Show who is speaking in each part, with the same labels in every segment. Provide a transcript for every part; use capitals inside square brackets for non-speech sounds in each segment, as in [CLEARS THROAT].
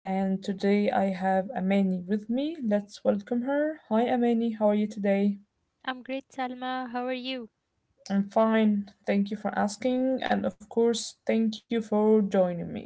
Speaker 1: and today I have Amani with me. Let's welcome her. Hi, Amani. How are you today?
Speaker 2: I'm great, Salma. How are you?
Speaker 1: I'm fine. Thank you for asking, and of course, thank you for joining me.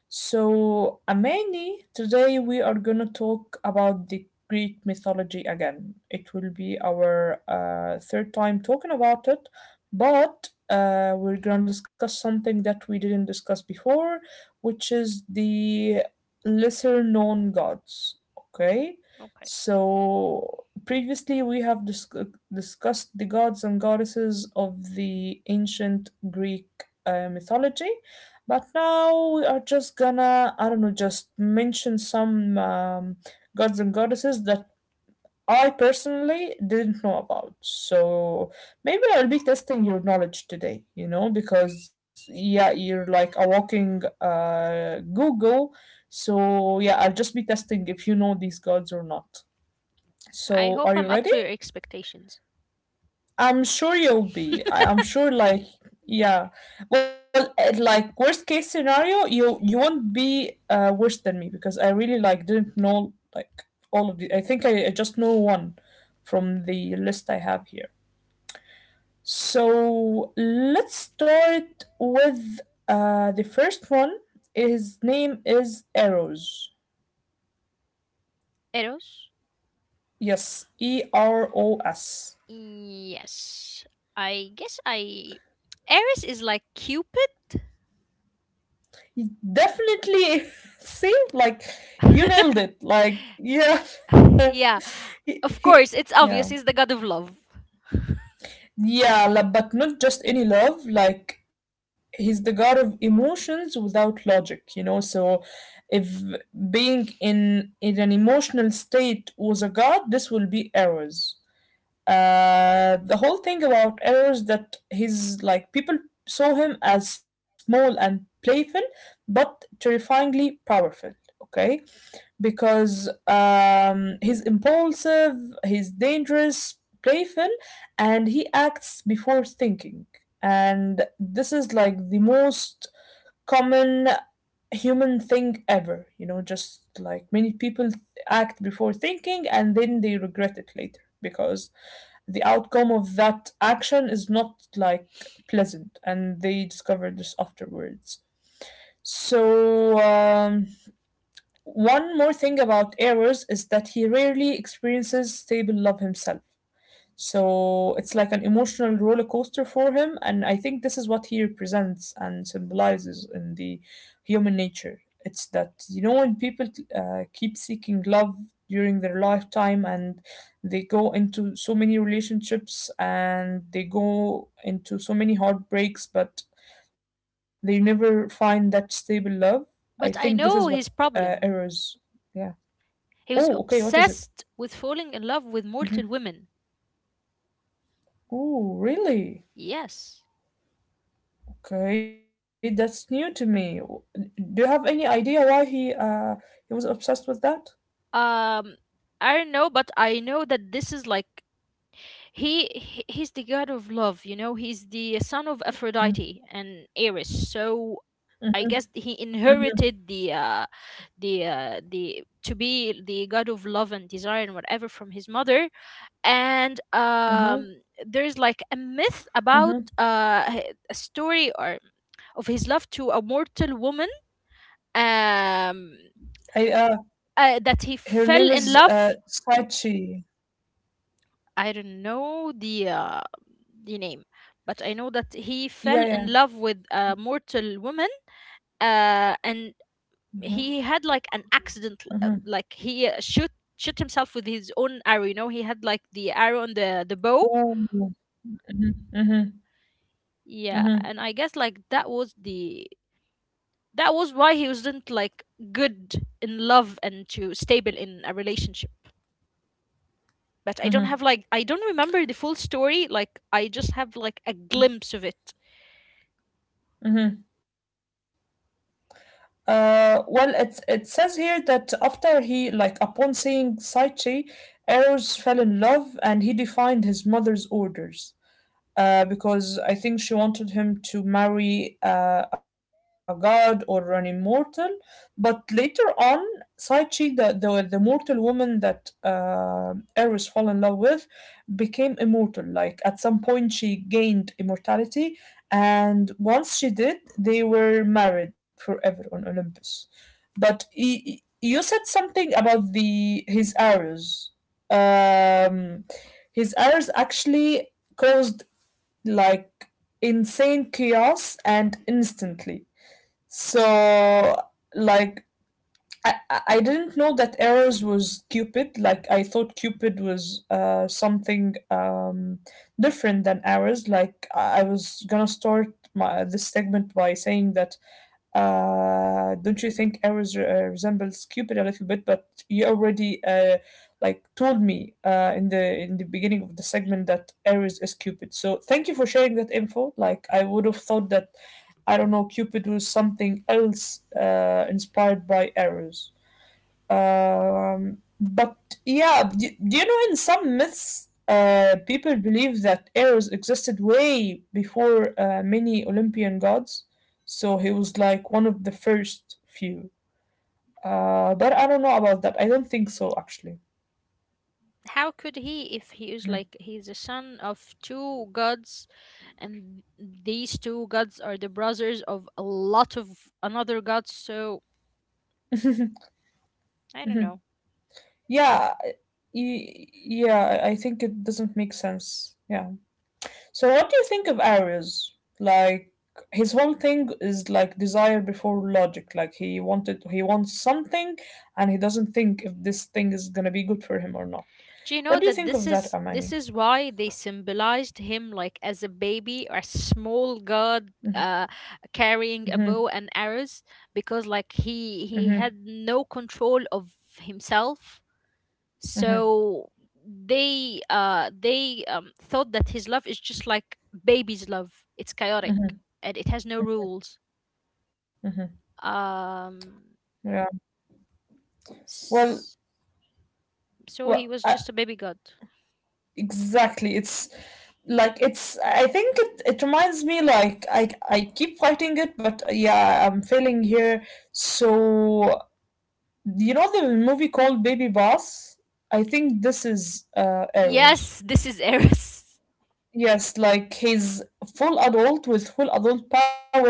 Speaker 1: So, Amani, today we are going to talk about the Greek mythology again. It will be our third time talking about it, but we're going to discuss something that we didn't discuss before, which is the lesser known gods. Okay?
Speaker 2: Okay.
Speaker 1: So, previously we have discussed the gods and goddesses of the ancient Greek mythology, but now we are just gonna, I don't know, just mention some gods and goddesses that I personally didn't know about. So maybe I'll be testing your knowledge today, you know, because yeah, you're like a walking Google. So yeah, I'll just be testing if you know these gods or not.
Speaker 2: I
Speaker 1: So
Speaker 2: hope
Speaker 1: are
Speaker 2: I'm
Speaker 1: you
Speaker 2: up
Speaker 1: ready?
Speaker 2: to your expectations.
Speaker 1: I'm sure you'll be. I'm sure, yeah. Well, like worst case scenario, you won't be worse than me because I really like didn't know like all of the. I think I just know one from the list I have here. So let's start with the first one. His name is Eros.
Speaker 2: Eros?
Speaker 1: Yes, Eros.
Speaker 2: Yes. I guess I. Eris is like Cupid?
Speaker 1: You definitely [LAUGHS] see like you nailed it like yeah
Speaker 2: [LAUGHS]
Speaker 1: [LAUGHS]
Speaker 2: Yeah.
Speaker 1: he,
Speaker 2: Of
Speaker 1: he,
Speaker 2: course, it's
Speaker 1: yeah.
Speaker 2: obvious he's the god of love.
Speaker 1: Yeah, like, but not just any love, like he's the god of emotions without logic, you know. So if being in an emotional state was a god, this will be errors. Uh, the whole thing about errors, that he's like, people saw him as small and playful, but terrifyingly powerful. Okay, because he's impulsive, he's dangerous, playful, and he acts before thinking. And this is like the most common human thing ever, you know, just like many people act before thinking and then they regret it later because the outcome of that action is not like pleasant and they discover this afterwards. So, one more thing about Errors is that he rarely experiences stable love himself. So it's like an emotional roller coaster for him, and I think this is what he represents and symbolizes in the human nature. It's that, you know, when people keep seeking love during their lifetime, and they go into so many relationships and they go into so many heartbreaks, but they never find that stable love. I
Speaker 2: But I
Speaker 1: think this is
Speaker 2: know
Speaker 1: what
Speaker 2: his problem.
Speaker 1: errors. Yeah.
Speaker 2: He was
Speaker 1: Oh, okay. What is it?
Speaker 2: obsessed with falling in love with
Speaker 1: Mm-hmm.
Speaker 2: mortal women.
Speaker 1: Oh, really?
Speaker 2: Yes.
Speaker 1: Okay, that's new to me. W- Do you have any idea why he was obsessed with that?
Speaker 2: Um, I don't know, but I know that this is like he's the god of love, you know, he's the son of Aphrodite and Eris, so I guess he
Speaker 1: Mm-hmm,
Speaker 2: inherited the to be the god of love and desire and whatever from his mother. And
Speaker 1: mm-hmm,
Speaker 2: there's like a myth about
Speaker 1: mm-hmm.
Speaker 2: a story or of his love to a mortal woman. um
Speaker 1: I
Speaker 2: that he
Speaker 1: her name
Speaker 2: fell
Speaker 1: is
Speaker 2: in love.
Speaker 1: Sachi.
Speaker 2: I don't know the name, but I know that he fell
Speaker 1: Yeah,
Speaker 2: in
Speaker 1: yeah.
Speaker 2: love with a mortal woman, and
Speaker 1: Mm-hmm,
Speaker 2: he had like an accident,
Speaker 1: mm-hmm.
Speaker 2: like he shoot himself with his own arrow. You know, he had like the arrow and the bow.
Speaker 1: Ooh. Mm-hmm, mm-hmm,
Speaker 2: Yeah,
Speaker 1: mm-hmm,
Speaker 2: and I guess like that was why he wasn't like good in love and to stable in a relationship. But I don't
Speaker 1: mm-hmm,
Speaker 2: have like I don't remember the full story. Like I just have like a glimpse of it.
Speaker 1: mm-hmm. Well,
Speaker 2: Well,
Speaker 1: it
Speaker 2: it,
Speaker 1: it says here that after he
Speaker 2: it
Speaker 1: like upon
Speaker 2: says
Speaker 1: seeing
Speaker 2: here
Speaker 1: Saichi,
Speaker 2: that after the like convincing
Speaker 1: Eros
Speaker 2: Saichi
Speaker 1: fell in
Speaker 2: errors from his
Speaker 1: love and
Speaker 2: life
Speaker 1: he
Speaker 2: and he became
Speaker 1: defied
Speaker 2: his
Speaker 1: his
Speaker 2: mother's.
Speaker 1: mother's orders. Uh, because I think she wanted him to marry a god or an immortal. But later on, Saichi, the mortal woman that Eris fell in love with, became immortal. Like at some point, she gained immortality, and once she did, they were married forever on Olympus. But you said something about the his arrows. Um, his arrows actually caused like insane chaos and instantly. So like I didn't know that Eros was Cupid. Like I thought Cupid was uh, something different than Eros. Like I was gonna start my this segment by saying that don't you think Aries resembles Cupid a little bit? But you already like told me in the beginning of the segment that Aries is Cupid. So thank you for sharing that info. Like I would have thought that I don't know Cupid was something else inspired by Aries. But yeah, do you know in some myths, people believe that Eros existed way before many Olympian gods, so he was like one of the first few. But I don't know about that. I don't think so, actually.
Speaker 2: How could he if he is
Speaker 1: Mhm.
Speaker 2: like he's a son of two gods, and these two gods are the brothers of a lot of another gods, so
Speaker 1: Mhm.
Speaker 2: I don't know.
Speaker 1: Yeah, yeah, I think it doesn't make sense. Yeah. So, what do you think of Ares? Like his whole thing is like desire before logic. Like he wants something, and he doesn't think if this thing is gonna be good for him or not.
Speaker 2: Do you know
Speaker 1: What do you
Speaker 2: that
Speaker 1: think of that,
Speaker 2: this
Speaker 1: Amani?
Speaker 2: is why they symbolized him like as a baby or a small god,
Speaker 1: Mm-hmm,
Speaker 2: carrying a
Speaker 1: mm-hmm,
Speaker 2: bow and arrows, because like he
Speaker 1: mm-hmm,
Speaker 2: he had no control of himself,
Speaker 1: mm-hmm,
Speaker 2: so they thought that his love is just like baby's love. It's chaotic
Speaker 1: mm-hmm,
Speaker 2: and it has no rules.
Speaker 1: mm-hmm.
Speaker 2: um
Speaker 1: Yeah. Well,
Speaker 2: s- so he
Speaker 1: well,
Speaker 2: was
Speaker 1: I,
Speaker 2: just a baby god.
Speaker 1: exactly. It's like it's. I think it. It reminds me I keep fighting it, but yeah, I'm failing here. So you know the movie called Baby Boss? I think this is Arrows.
Speaker 2: Yes, this is Eris.
Speaker 1: Yes, like he's full adult with full adult power,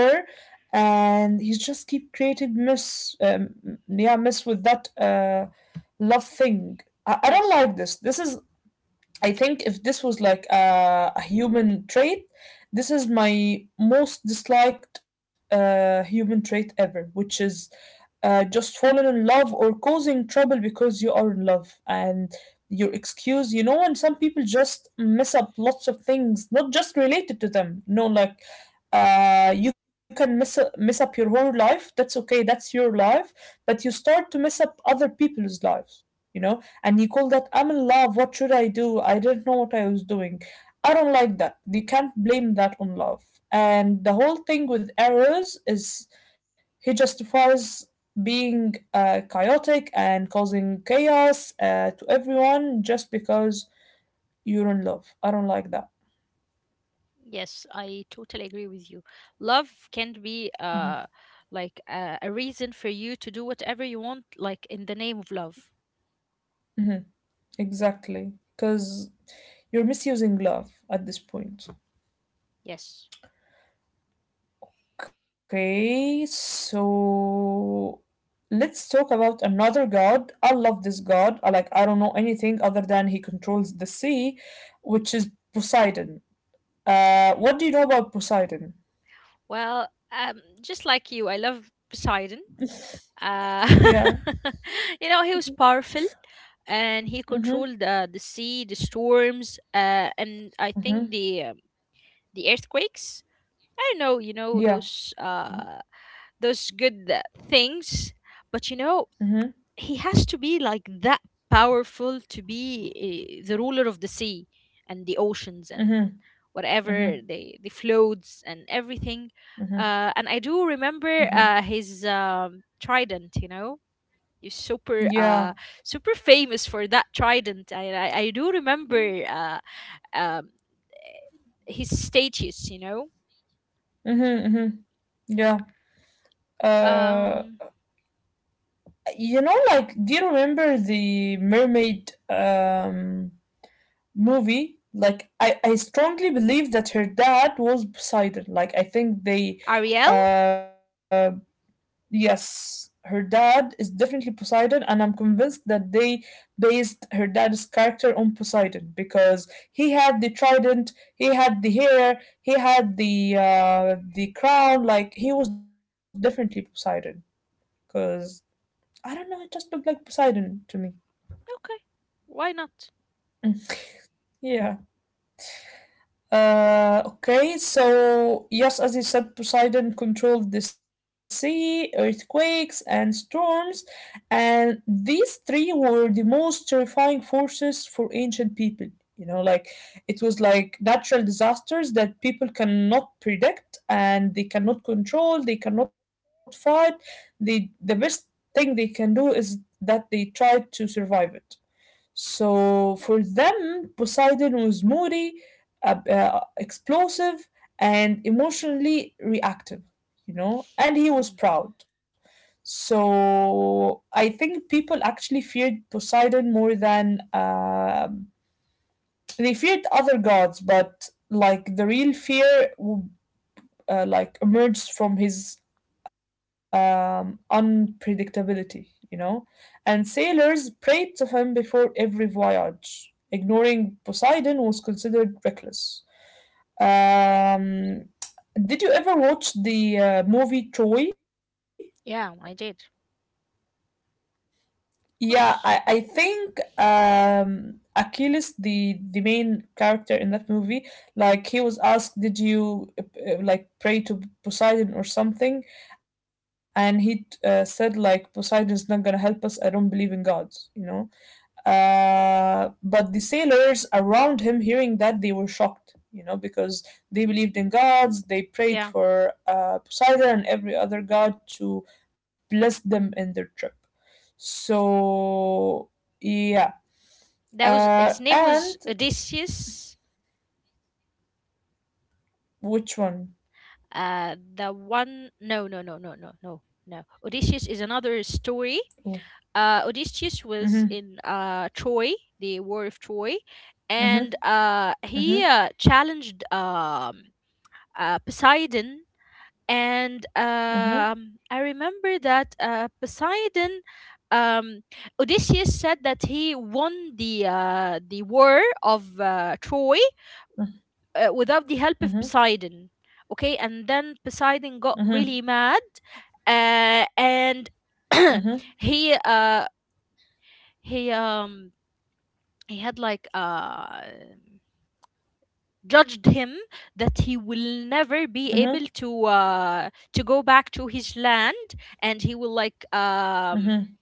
Speaker 1: and he's just keep creating mess. Yeah, mess with that love thing. I,
Speaker 2: [LAUGHS]
Speaker 1: I don't
Speaker 2: Yes.
Speaker 1: like this. This is I think if this was like a human trait, this is my most disliked human trait ever, which is just falling in love or causing trouble because you are in love and your excuse, you know. And some people just mess up lots of things, not just related to them. No, like you can mess up your whole life. That's okay. That's your life. But you start to mess up other people's lives, you know, and you call that, I'm in love, what should I do? I didn't know what I was doing. I don't like that. You can't blame that on love. And the whole thing with errors is he justifies being chaotic and causing chaos to everyone just because you're in love. I don't like that.
Speaker 2: Yes, I totally agree with you. Love can be
Speaker 1: Mhm.
Speaker 2: like a reason for you to do whatever you want, like in the name of love.
Speaker 1: Mhm. Exactly. Because you're misusing love at this point.
Speaker 2: Yes.
Speaker 1: Okay, so let's talk about another god. I love this god. I like I don't know anything other than he controls the sea, which is Poseidon. What do you know about Poseidon?
Speaker 2: Well, just like you, I love Poseidon. Uh,
Speaker 1: [LAUGHS] Yeah.
Speaker 2: [LAUGHS] you know, he was powerful and he
Speaker 1: Mm-hmm.
Speaker 2: controlled the sea, the storms, and I think
Speaker 1: Mm-hmm.
Speaker 2: the earthquakes. I don't know, you know,
Speaker 1: Yeah.
Speaker 2: those good things, but you know,
Speaker 1: Mm-hmm.
Speaker 2: he has to be like that powerful to be the ruler of the sea and the oceans and
Speaker 1: Mm-hmm. Mm-hmm.
Speaker 2: whatever they the floats and everything.
Speaker 1: Mm-hmm.
Speaker 2: And I do remember
Speaker 1: Mm-hmm.
Speaker 2: his trident, you know. He's
Speaker 1: Yeah.
Speaker 2: super famous for that trident. I do remember um, his statues, you know.
Speaker 1: Mm-hmm. Mm-hmm. Yeah. Uh,
Speaker 2: Um,
Speaker 1: you know, like, do you remember the mermaid? Um, movie? Like, I strongly believe that her dad was Poseidon. Like I think they
Speaker 2: Ariel?
Speaker 1: uh, yes, her dad is definitely Poseidon, and I'm convinced that they based her dad's character on Poseidon because he had the trident, he had the hair, he had the crown. Like he was definitely Poseidon because I don't know, it just looked like Poseidon to me.
Speaker 2: Why not?
Speaker 1: Mm, yeah. Okay, so yes, as you said, Poseidon controlled the sea, earthquakes, and storms, and these three were the most terrifying forces for ancient people. You know, like it was like natural disasters that people cannot predict, and they cannot control, they cannot fight. They, the best thing they can do is that they try to survive it. So for them, Poseidon was moody, explosive, and emotionally reactive, you know, and he was
Speaker 2: Mm.
Speaker 1: proud. So I think people actually feared Poseidon more than um, they feared other gods, but like the real fear like emerged from his unpredictability, you know, and sailors prayed to him before every voyage. Ignoring Poseidon was considered reckless. Um, did you ever watch the movie Troy?
Speaker 2: Yeah, I did.
Speaker 1: Yeah,
Speaker 2: Of
Speaker 1: I
Speaker 2: course.
Speaker 1: think um, Achilles, the main character in that movie, like he was asked, "Did you like pray to Poseidon or something?" And he said, "Like Poseidon is not gonna help us. I don't believe in gods," you know. But the sailors around him, hearing that, they were shocked, you know, because they believed in gods, they prayed
Speaker 2: Yeah.
Speaker 1: for Poseidon and every other god to bless them in their trip. So, yeah.
Speaker 2: That was his name
Speaker 1: And
Speaker 2: was Odysseus.
Speaker 1: which one?
Speaker 2: The one No, no, no, no, no, no, no. Odysseus is another story.
Speaker 1: Oh.
Speaker 2: Uh, Odysseus was
Speaker 1: Mm-hmm,
Speaker 2: in Troy, the war of Troy,
Speaker 1: mm-hmm,
Speaker 2: and uh he
Speaker 1: mm-hmm,
Speaker 2: uh, challenged Poseidon, and
Speaker 1: mm-hmm,
Speaker 2: I remember that Poseidon, um, Odysseus said that he won the war of Troy without the help of
Speaker 1: mm-hmm,
Speaker 2: Poseidon. Okay, and then Poseidon got
Speaker 1: mm-hmm,
Speaker 2: really mad, and
Speaker 1: mm-hmm,
Speaker 2: [CLEARS THROAT] he uh, he um, he had like judged him that he will never be
Speaker 1: mm-hmm,
Speaker 2: able to go back to his land, and he will like
Speaker 1: mm-hmm.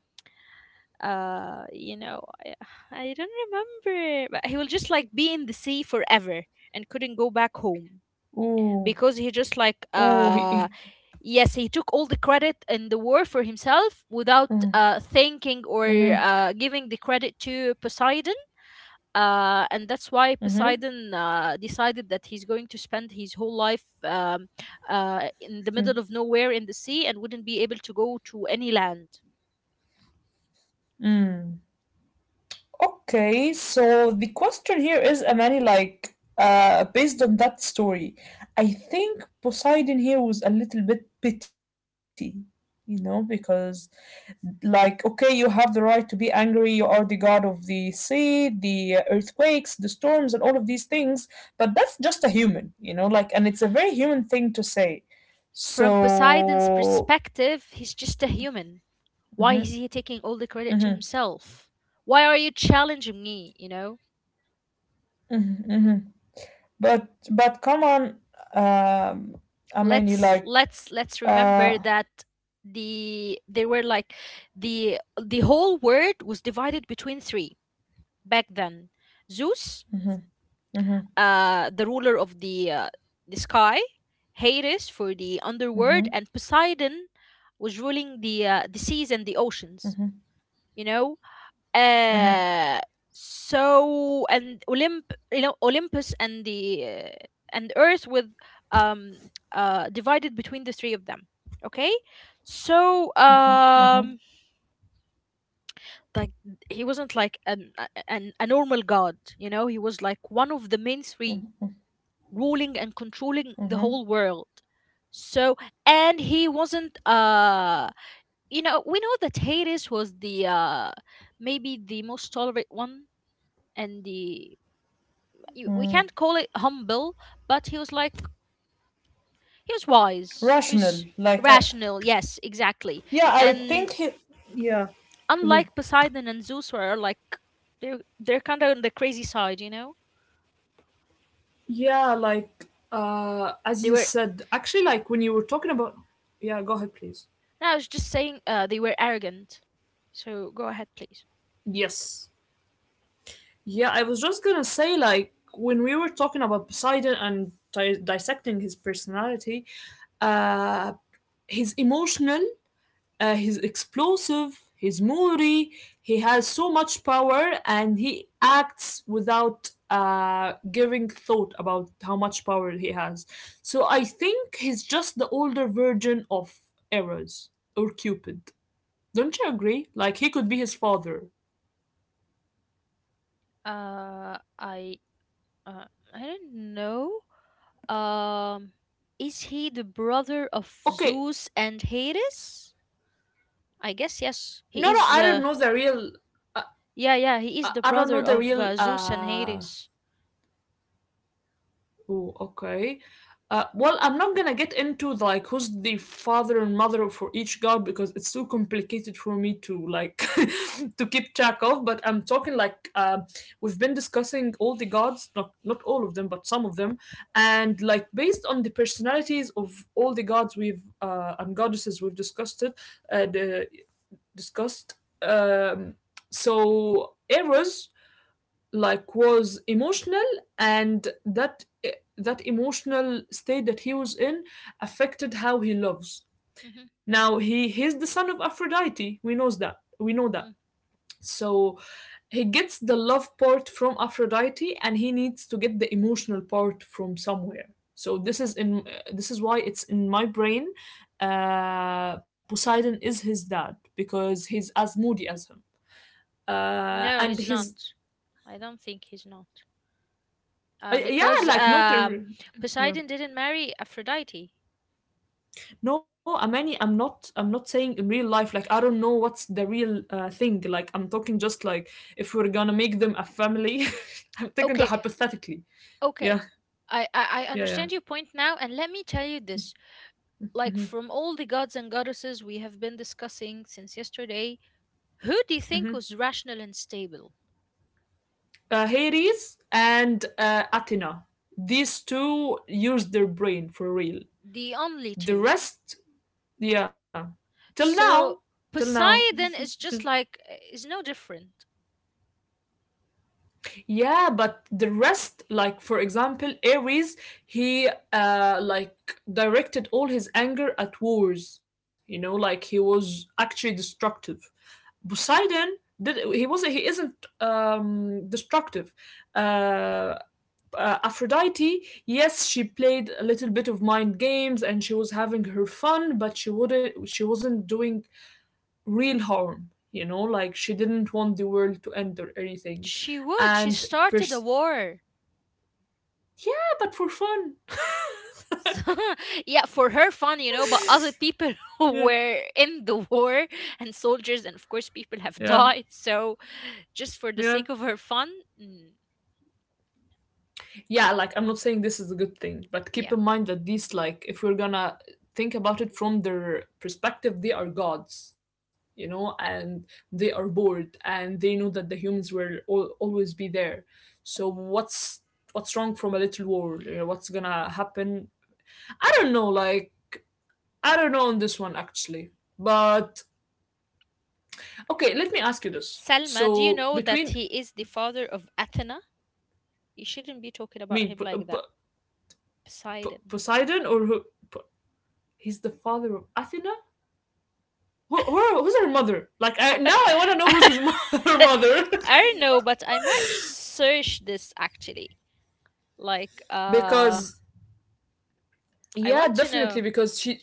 Speaker 2: you know I don't remember, but he will just like be in the sea forever and couldn't go back home
Speaker 1: Ooh,
Speaker 2: because he just like
Speaker 1: ooh,
Speaker 2: uh, yes, he took all the credit in the war for himself without
Speaker 1: mm,
Speaker 2: thinking or
Speaker 1: mm-hmm,
Speaker 2: giving the credit to Poseidon, and that's why
Speaker 1: mm-hmm,
Speaker 2: Poseidon decided that he's going to spend his whole life in the
Speaker 1: mm-hmm.
Speaker 2: middle of nowhere in the sea and wouldn't be able to go to any land.
Speaker 1: Mm. Okay, so the question here is, Amani, like, based on that story, I think Poseidon here was a little bit petty, you know, because, like, okay, you have the right to be angry, you are the god of the sea, the earthquakes, the storms, and all of these things, but that's just a human, you know, like, and it's a very human thing to say.
Speaker 2: From Poseidon's
Speaker 1: So,
Speaker 2: perspective, he's just a human. Why is
Speaker 1: hmm.
Speaker 2: he taking all the credit to himself? Why are you challenging me? You know?
Speaker 1: Hmm. But come on, um, I mean you
Speaker 2: let's
Speaker 1: like
Speaker 2: let's let's remember
Speaker 1: uh,
Speaker 2: that they were like the whole world was divided between three back then. Zeus,
Speaker 1: mhm, mhm,
Speaker 2: the ruler of the sky, Hades for the underworld,
Speaker 1: mhm,
Speaker 2: and Poseidon was ruling the seas and the
Speaker 1: mhm,
Speaker 2: oceans, you know.
Speaker 1: mhm,
Speaker 2: uh, so, and Olymp, you know, Olympus and the and Earth with um divided between the three of them. Okay, so
Speaker 1: mhm, mhm,
Speaker 2: um, like he wasn't like an a normal god, you know. He was like one of the main three, ruling and controlling the
Speaker 1: mhm,
Speaker 2: whole world. So, and he wasn't you know, we know that Hades was the maybe the most tolerant one and the we
Speaker 1: mm.
Speaker 2: can't call it humble, but he was like he was wise. He
Speaker 1: Rational.
Speaker 2: was rational. Yes,
Speaker 1: Yeah,
Speaker 2: exactly. And
Speaker 1: yeah, mhm.
Speaker 2: unlike Poseidon and Zeus were like they're kind of on the crazy side, you know.
Speaker 1: Yeah, like as
Speaker 2: They
Speaker 1: you
Speaker 2: were.
Speaker 1: said, actually, like when you were talking about, yeah, go ahead, please.
Speaker 2: No, I was just saying they were arrogant. So go ahead, please.
Speaker 1: Yes. Yeah, I was just gonna say, like, when we were talking about Poseidon and dissecting his personality, uh, he's emotional, he's explosive, he's moody, he has so much power, and he acts without giving thought about how much power he has. So I think he's just the older version of Eros or Cupid. Don't you agree? Like, he could be his father.
Speaker 2: Uh, I uh, I don't know. Um, is he the brother of
Speaker 1: Okay,
Speaker 2: Zeus and Hades? I guess yes. He
Speaker 1: no, no,
Speaker 2: is.
Speaker 1: I don't know the real
Speaker 2: Yeah, yeah, he is
Speaker 1: I,
Speaker 2: the
Speaker 1: I don't know
Speaker 2: brother
Speaker 1: the
Speaker 2: of
Speaker 1: real.
Speaker 2: Zeus and Hades.
Speaker 1: Ooh, okay. Well, I'm not gonna get into like who's the father and mother for each god because it's too complicated for me to like [LAUGHS] to keep track of. But I'm talking like we've been discussing all the gods, not all of them, but some of them, and like based on the personalities of all the gods we've and goddesses we've discussed it, uh, the- discussed. Um, so Eros like was emotional, and that emotional state that he was in affected how he loves.
Speaker 2: Mhm.
Speaker 1: Now he's the son of Aphrodite, we know that.
Speaker 2: Mm.
Speaker 1: So he gets the love part from Aphrodite, and he needs to get the emotional part from somewhere. So this is why it's in my brain. Poseidon is his dad because he's as moody as him.
Speaker 2: No, he's
Speaker 1: And his.
Speaker 2: not. I don't think he's not.
Speaker 1: Yeah,
Speaker 2: Because
Speaker 1: like not. Yeah.
Speaker 2: Poseidon didn't marry Aphrodite.
Speaker 1: No, Amani, I'm not saying in real life, like I don't know what's the real thing. Like I'm talking just like if we're gonna make them a family. [LAUGHS] I'm talking
Speaker 2: Okay,
Speaker 1: just hypothetically.
Speaker 2: okay.
Speaker 1: Yeah,
Speaker 2: I
Speaker 1: yeah,
Speaker 2: understand
Speaker 1: yeah.
Speaker 2: your point now, and let me tell you this. Like,
Speaker 1: hmm
Speaker 2: from all the gods and goddesses we have been discussing since yesterday, who do you think
Speaker 1: hmm
Speaker 2: was rational and stable?
Speaker 1: Hades and Athena. These two use their brain for real.
Speaker 2: The only
Speaker 1: The
Speaker 2: two.
Speaker 1: rest, yeah. Till
Speaker 2: So,
Speaker 1: now, till now,
Speaker 2: Poseidon is just like, eh, is no different.
Speaker 1: yeah, but the rest, like, for example, Ares, he like directed all his anger at wars, you know, like he was actually destructive. Poseidon, did he isn't destructive. Uh Aphrodite, yes, she played a little bit of mind games, and she was having her fun, but she wasn't doing real harm, you know, like she didn't want the world to end or anything.
Speaker 2: She would. She
Speaker 1: And per-
Speaker 2: started a war. [LAUGHS]
Speaker 1: yeah, but for fun.
Speaker 2: Yeah, for her fun, you know, but
Speaker 1: [LAUGHS]
Speaker 2: other people [LAUGHS] who
Speaker 1: Yeah,
Speaker 2: were in the war and soldiers, and of course, people
Speaker 1: yeah,
Speaker 2: have died. So, just for the
Speaker 1: yeah.
Speaker 2: sake of her fun, mm,
Speaker 1: Yeah, like I'm not saying this is a good thing, but keep
Speaker 2: yeah.
Speaker 1: in mind that these, like, if we're gonna think about it from their perspective, they are gods, you know, and they are bored, and they know that the humans will always be there. So what's wrong from a little war? You know, what's gonna happen? I don't know. Like, I don't know on this one actually. But okay, let me ask you this.
Speaker 2: Selma, do you
Speaker 1: So
Speaker 2: know that
Speaker 1: between,
Speaker 2: he is the father of Athena? You shouldn't be talking
Speaker 1: I
Speaker 2: about
Speaker 1: mean,
Speaker 2: him like
Speaker 1: p-
Speaker 2: that. Poseidon.
Speaker 1: Poseidon or who? P- he's the father of Athena. Who's her mother? Now, I want to
Speaker 2: [LAUGHS]
Speaker 1: know
Speaker 2: I
Speaker 1: who's his [LAUGHS] her mother.
Speaker 2: don't know, but I might search this actually. Like,
Speaker 1: [LAUGHS]
Speaker 2: uh,
Speaker 1: Because
Speaker 2: I
Speaker 1: yeah,
Speaker 2: want to
Speaker 1: definitely
Speaker 2: know.
Speaker 1: because she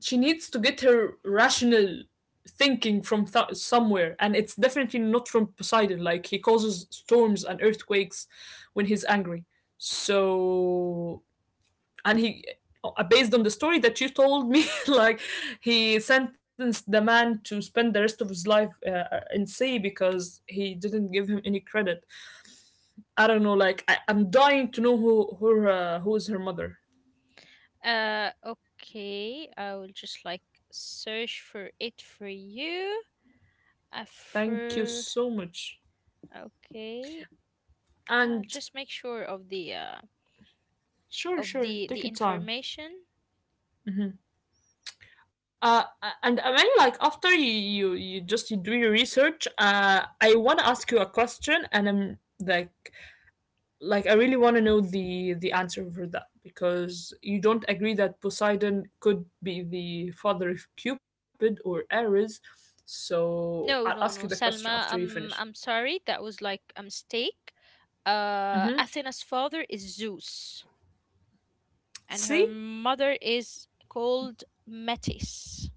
Speaker 1: she needs to get her rational thinking from somewhere, and it's definitely not from Poseidon. Like he causes storms and earthquakes when he's angry. So and he, based on the story that you told me, [LAUGHS] like he sentenced the man to spend the rest of his life in sea because he didn't give him any credit. I don't know, like, I'm dying to know who is her mother.
Speaker 2: Okay, I will just like search for it for you.
Speaker 1: Thank you
Speaker 2: For
Speaker 1: so much.
Speaker 2: Okay, I'll
Speaker 1: And
Speaker 2: just make sure of
Speaker 1: sure sure
Speaker 2: the
Speaker 1: take your time.
Speaker 2: information.
Speaker 1: uh, and I mean, like, after you, just you do your research, I want to ask you a question, and I'm like I really want to know the answer for that because you don't agree that Poseidon could be the father of Cupid or Ares. So I'll ask
Speaker 2: No,
Speaker 1: you the
Speaker 2: no, no,
Speaker 1: question after you
Speaker 2: Salma.
Speaker 1: finish.
Speaker 2: I'm sorry, that was like a mistake.
Speaker 1: Mm-hmm.
Speaker 2: Athena's father is Zeus, and her
Speaker 1: See.
Speaker 2: mother is called Metis.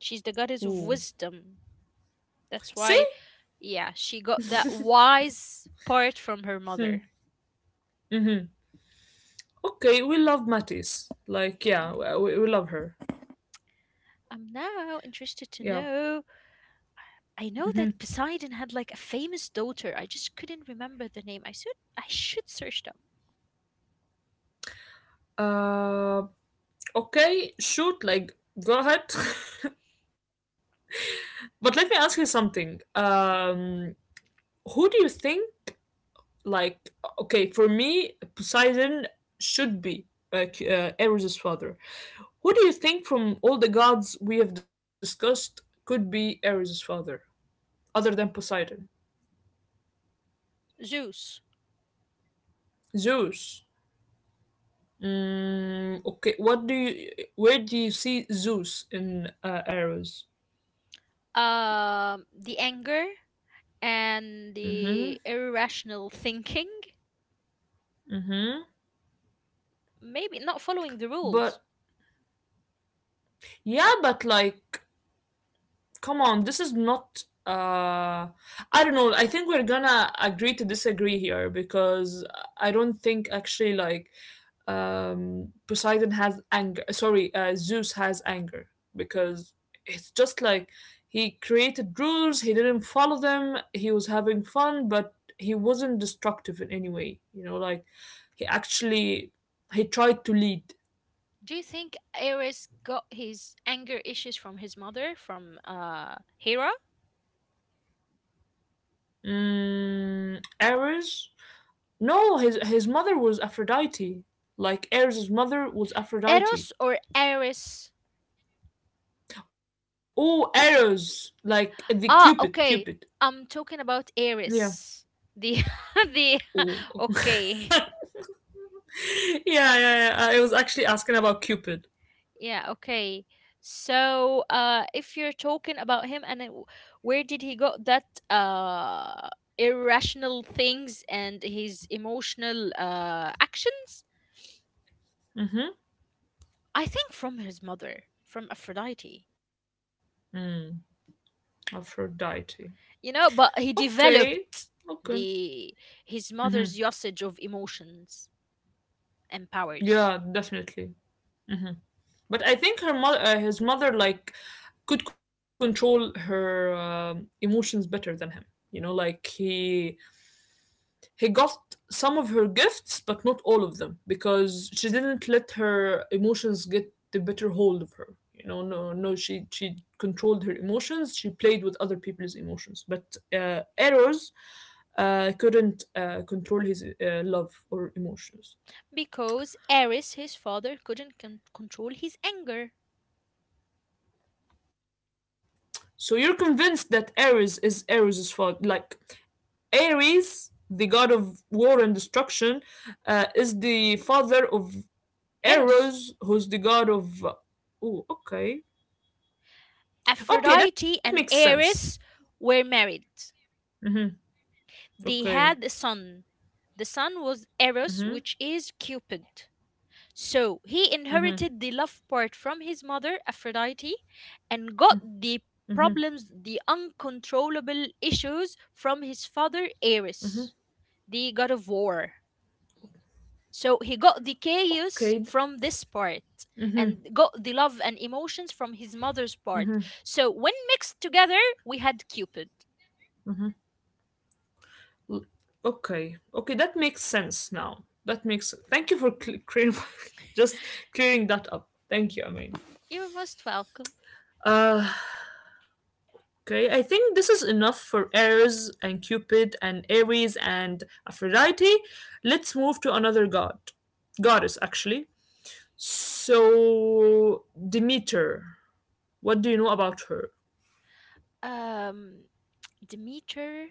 Speaker 2: She's the goddess of
Speaker 1: Ooh.
Speaker 2: wisdom. That's
Speaker 1: See.
Speaker 2: why, yeah, she got that wise part from her
Speaker 1: Hmm.
Speaker 2: mother.
Speaker 1: Okay, we love Matisse, like, yeah, we love her.
Speaker 2: I'm now
Speaker 1: Yeah.
Speaker 2: interested to know. I
Speaker 1: Mm-hmm.
Speaker 2: know that Poseidon had like a famous daughter. I just couldn't remember the name. I should search it up.
Speaker 1: uh okay, shoot, like, go ahead. [LAUGHS] But let me ask you something. Who do you think, like, okay, for me, Poseidon should be, like, Eris's father. Who do you think, from all the gods we have discussed, could be Eris's father other than Poseidon?
Speaker 2: Zeus.
Speaker 1: Zeus. Okay, what do you where do you see Zeus in Ares?
Speaker 2: The anger and
Speaker 1: Mm-hmm.
Speaker 2: the irrational thinking.
Speaker 1: Mm-hmm.
Speaker 2: Maybe not following the rules.
Speaker 1: But yeah, but like, come on, this is not I don't know, I think we're gonna agree to disagree here because I don't think actually, like, Poseidon has anger, sorry, Zeus has anger, because it's just like he created rules, he didn't follow them, he was having fun, but he wasn't destructive in any way, you know, like he actually he tried to lead.
Speaker 2: Do you think Ares got his anger issues from his mother, from Hera?
Speaker 1: Errors. No, his mother was Aphrodite. Like Eros' mother was
Speaker 2: Eros
Speaker 1: Aphrodite.
Speaker 2: or Ares?
Speaker 1: Oh, Eros, like the
Speaker 2: Ah,
Speaker 1: Cupid,
Speaker 2: okay.
Speaker 1: Cupid.
Speaker 2: I'm talking about
Speaker 1: Yeah.
Speaker 2: Aries. The [LAUGHS] the
Speaker 1: Oh.
Speaker 2: [LAUGHS]
Speaker 1: [LAUGHS]
Speaker 2: okay.
Speaker 1: Yeah, yeah, yeah. I was actually asking about Cupid.
Speaker 2: Yeah, okay. So, if you're talking about him and it, where did he got that irrational things and his emotional actions?
Speaker 1: Mm-hmm.
Speaker 2: I think from his mother, from Aphrodite.
Speaker 1: Mm, Aphrodite.
Speaker 2: You know, but he
Speaker 1: Okay.
Speaker 2: developed
Speaker 1: Okay.
Speaker 2: the his
Speaker 1: Mm-hmm.
Speaker 2: mother's usage of emotions and powers.
Speaker 1: Yeah, definitely. But I think her mother, his mother, like, could control her emotions better than him. You know, like he got some of her gifts, but not all of them, because she didn't let her emotions get the better hold of her. You know, no, no, she controlled her emotions. She played with other people's emotions, but Eros couldn't control his love or emotions.
Speaker 2: Because Ares, his father, couldn't control his anger.
Speaker 1: So you're convinced that Ares is Eros' fault. Like Ares, the god of war and destruction, is the father of
Speaker 2: Eros.
Speaker 1: Eros, who's the god of. Oh, okay. Okay, that
Speaker 2: Aphrodite
Speaker 1: makes
Speaker 2: and
Speaker 1: sense.
Speaker 2: Ares were married.
Speaker 1: Mm-hmm.
Speaker 2: They
Speaker 1: Okay.
Speaker 2: had a son. The son was Eros,
Speaker 1: Mm-hmm.
Speaker 2: which is Cupid. So he
Speaker 1: Mm-hmm.
Speaker 2: inherited the love part from his mother, Aphrodite, and got the
Speaker 1: Mm-hmm.
Speaker 2: problems, the uncontrollable issues from his father,
Speaker 1: Hmm.
Speaker 2: Ares, the god of war. So he got the chaos
Speaker 1: Okay.
Speaker 2: from this part and got the love and emotions from his mother's part. So when mixed together, we had Cupid.
Speaker 1: L- Okay. Okay, that makes sense now. That makes. Thank you for [LAUGHS] just clearing that up. Thank you, Amin.
Speaker 2: You're most welcome.
Speaker 1: Uh, okay, I think this is enough for Ares and Cupid and Aries and Aphrodite. Let's move to another god, goddess actually. So Demeter, what do you know about her?
Speaker 2: Um, Demeter.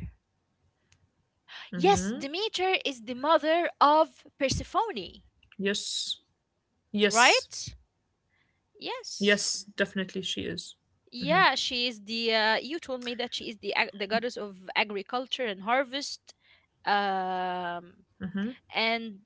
Speaker 2: Yes,
Speaker 1: Mm-hmm.
Speaker 2: Demeter is the mother of Persephone,
Speaker 1: Yes. Yes.
Speaker 2: right? Yes.
Speaker 1: Yes, definitely she is.
Speaker 2: Yeah, she is the. You told me that she is the the goddess of agriculture and harvest. Um, and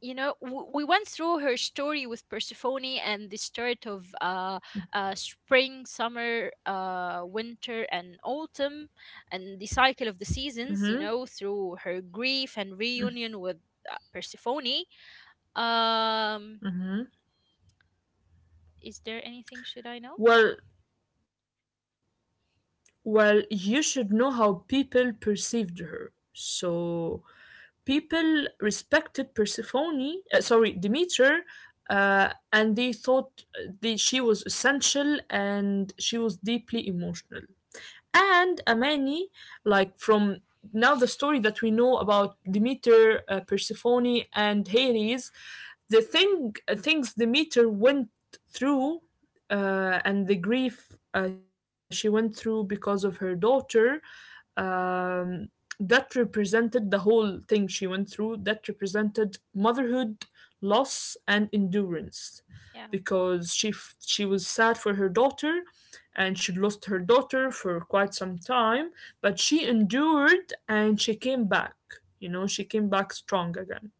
Speaker 2: you know we went through her story with Persephone and the start of spring, summer, winter, and autumn, and the cycle of the seasons, you
Speaker 1: hmm
Speaker 2: know, through her grief and reunion with Persephone. Um,
Speaker 1: hmm
Speaker 2: is there anything should I know?
Speaker 1: Well, well, you should know how people perceived her. So people respected Persephone, sorry, Demeter, and they thought that she was essential and she was deeply emotional. And Amani, like, from now, the story that we know about Demeter, Persephone, and Hades, the thing things Demeter went through, and the grief she went through because of her daughter, um, that represented the whole thing she went through, that represented motherhood, loss, and endurance,
Speaker 2: Yeah,
Speaker 1: because she was sad for her daughter, and she lost her daughter for quite some time, but she endured and she came back. You know, she came back strong again.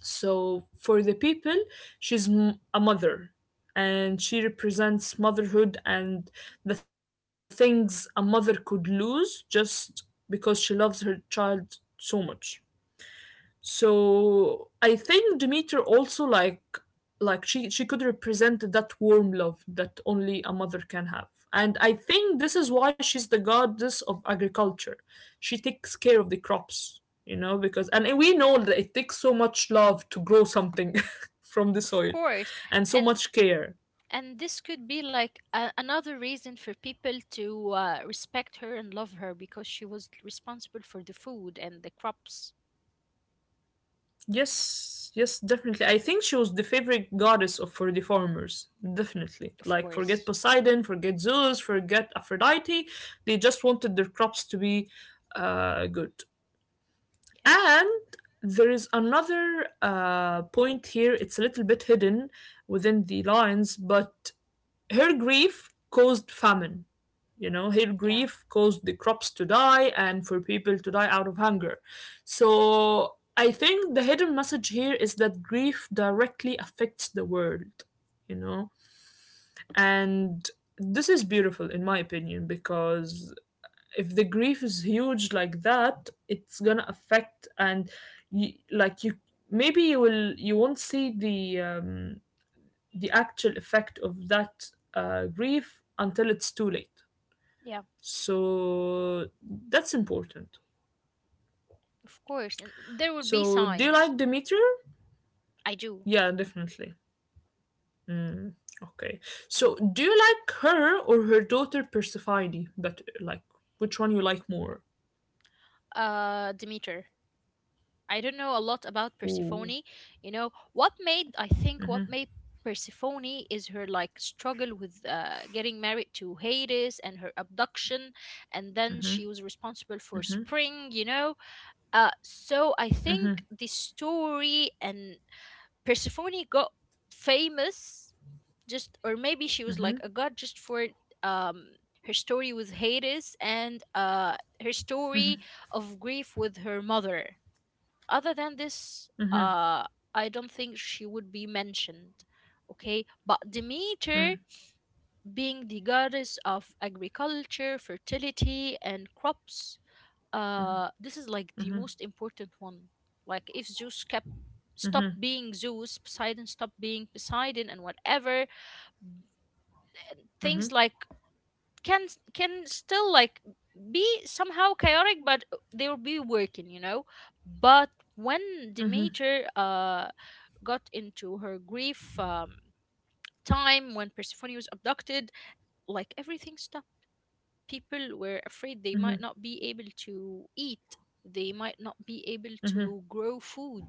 Speaker 1: So for the people, she's a mother, and she represents motherhood and the things a mother could lose just because she loves her child so much. So I think Demeter also, like, she could represent that warm love that only a mother can have. And I think this is why she's the goddess of agriculture. She takes care of the crops, you know, because and we know that it takes so much love to grow something [LAUGHS] from the
Speaker 2: of
Speaker 1: soil
Speaker 2: course.
Speaker 1: and so
Speaker 2: And
Speaker 1: much care.
Speaker 2: and this could be like another reason for people to respect her and love her because she was responsible for the food and the crops,
Speaker 1: Yes, yes, definitely. I think she was the favorite goddess of for the farmers. Definitely.
Speaker 2: of
Speaker 1: Like, forget
Speaker 2: course.
Speaker 1: Poseidon, forget Zeus, forget Aphrodite. They just wanted their crops to be good.
Speaker 2: Yes.
Speaker 1: And there is another point here. It's a little bit hidden within the lines, but her grief caused famine, you know, hail
Speaker 2: Yeah.
Speaker 1: grief caused the crops to die and for people to die out of hunger. So I think the hidden message here is that grief directly affects the world, you know? And this is beautiful, in my opinion, because if the grief is huge like that, it's gonna affect, and you, like, you maybe you will you won't see the the actual effect of that grief until it's too late.
Speaker 2: Yeah,
Speaker 1: So that's important.
Speaker 2: of course. And there will be
Speaker 1: So do you
Speaker 2: signs.
Speaker 1: like Demeter?
Speaker 2: I do.
Speaker 1: Yeah, definitely. Mm, okay. So do you like her or her daughter Persephone better? Like, which one you like more?
Speaker 2: Demeter, I don't know a lot about
Speaker 1: Ooh.
Speaker 2: Persephone. You know, I think, what made Persephone is her like struggle with getting married to Hades and her abduction, and then she was responsible for spring, you know. So I think the story and Persephone got famous just, or maybe she was like a god just for um, her story with Hades and her story of grief with her mother. Other than this, I don't think she would be mentioned. Okay, but
Speaker 1: Mm-hmm,
Speaker 2: Demeter, being the goddess of agriculture, fertility, and crops, this is like the most important one. Like if Zeus kept stopped being Zeus, Poseidon stopped being Poseidon, and whatever
Speaker 1: mm-hmm,
Speaker 2: things can still like be somehow chaotic, but they'll be working, you know. But when
Speaker 1: mm-hmm,
Speaker 2: Demeter got into her grief, time when Persephone was abducted, like everything stopped. People were afraid they
Speaker 1: mm-hmm,
Speaker 2: might not be able to eat, they might not be able
Speaker 1: mm-hmm,
Speaker 2: to grow food.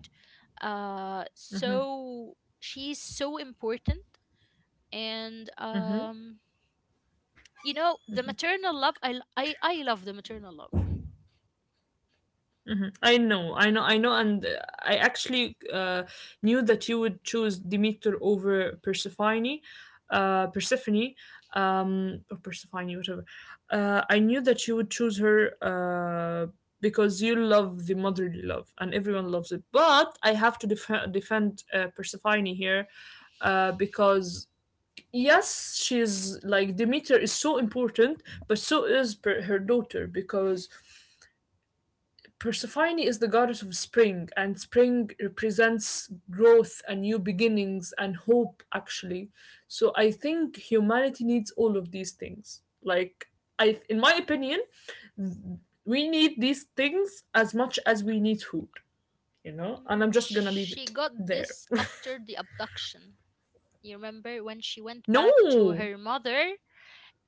Speaker 2: uh
Speaker 1: mm-hmm.
Speaker 2: so she's so important. and
Speaker 1: Mm-hmm.
Speaker 2: um you know, the maternal love. I love the maternal love.
Speaker 1: Mhm. I know, I know, I know, and I actually knew that you would choose Demeter over Persephone, Persephone, or Persephone, whatever. I knew that you would choose her because you love the motherly love, and everyone loves it. But I have to defend Persephone here because yes, she's like Demeter is so important, but so is her daughter because. Persephone is the goddess of spring, and spring represents growth and new beginnings and hope, actually. So I think humanity needs all of these things. Like, in my opinion, we need these things as much as we need food, you know? And
Speaker 2: Mm,
Speaker 1: I'm just gonna leave
Speaker 2: she
Speaker 1: it
Speaker 2: got
Speaker 1: there.
Speaker 2: this after the abduction. You remember when she
Speaker 1: [LAUGHS]
Speaker 2: went back to
Speaker 1: No!
Speaker 2: her mother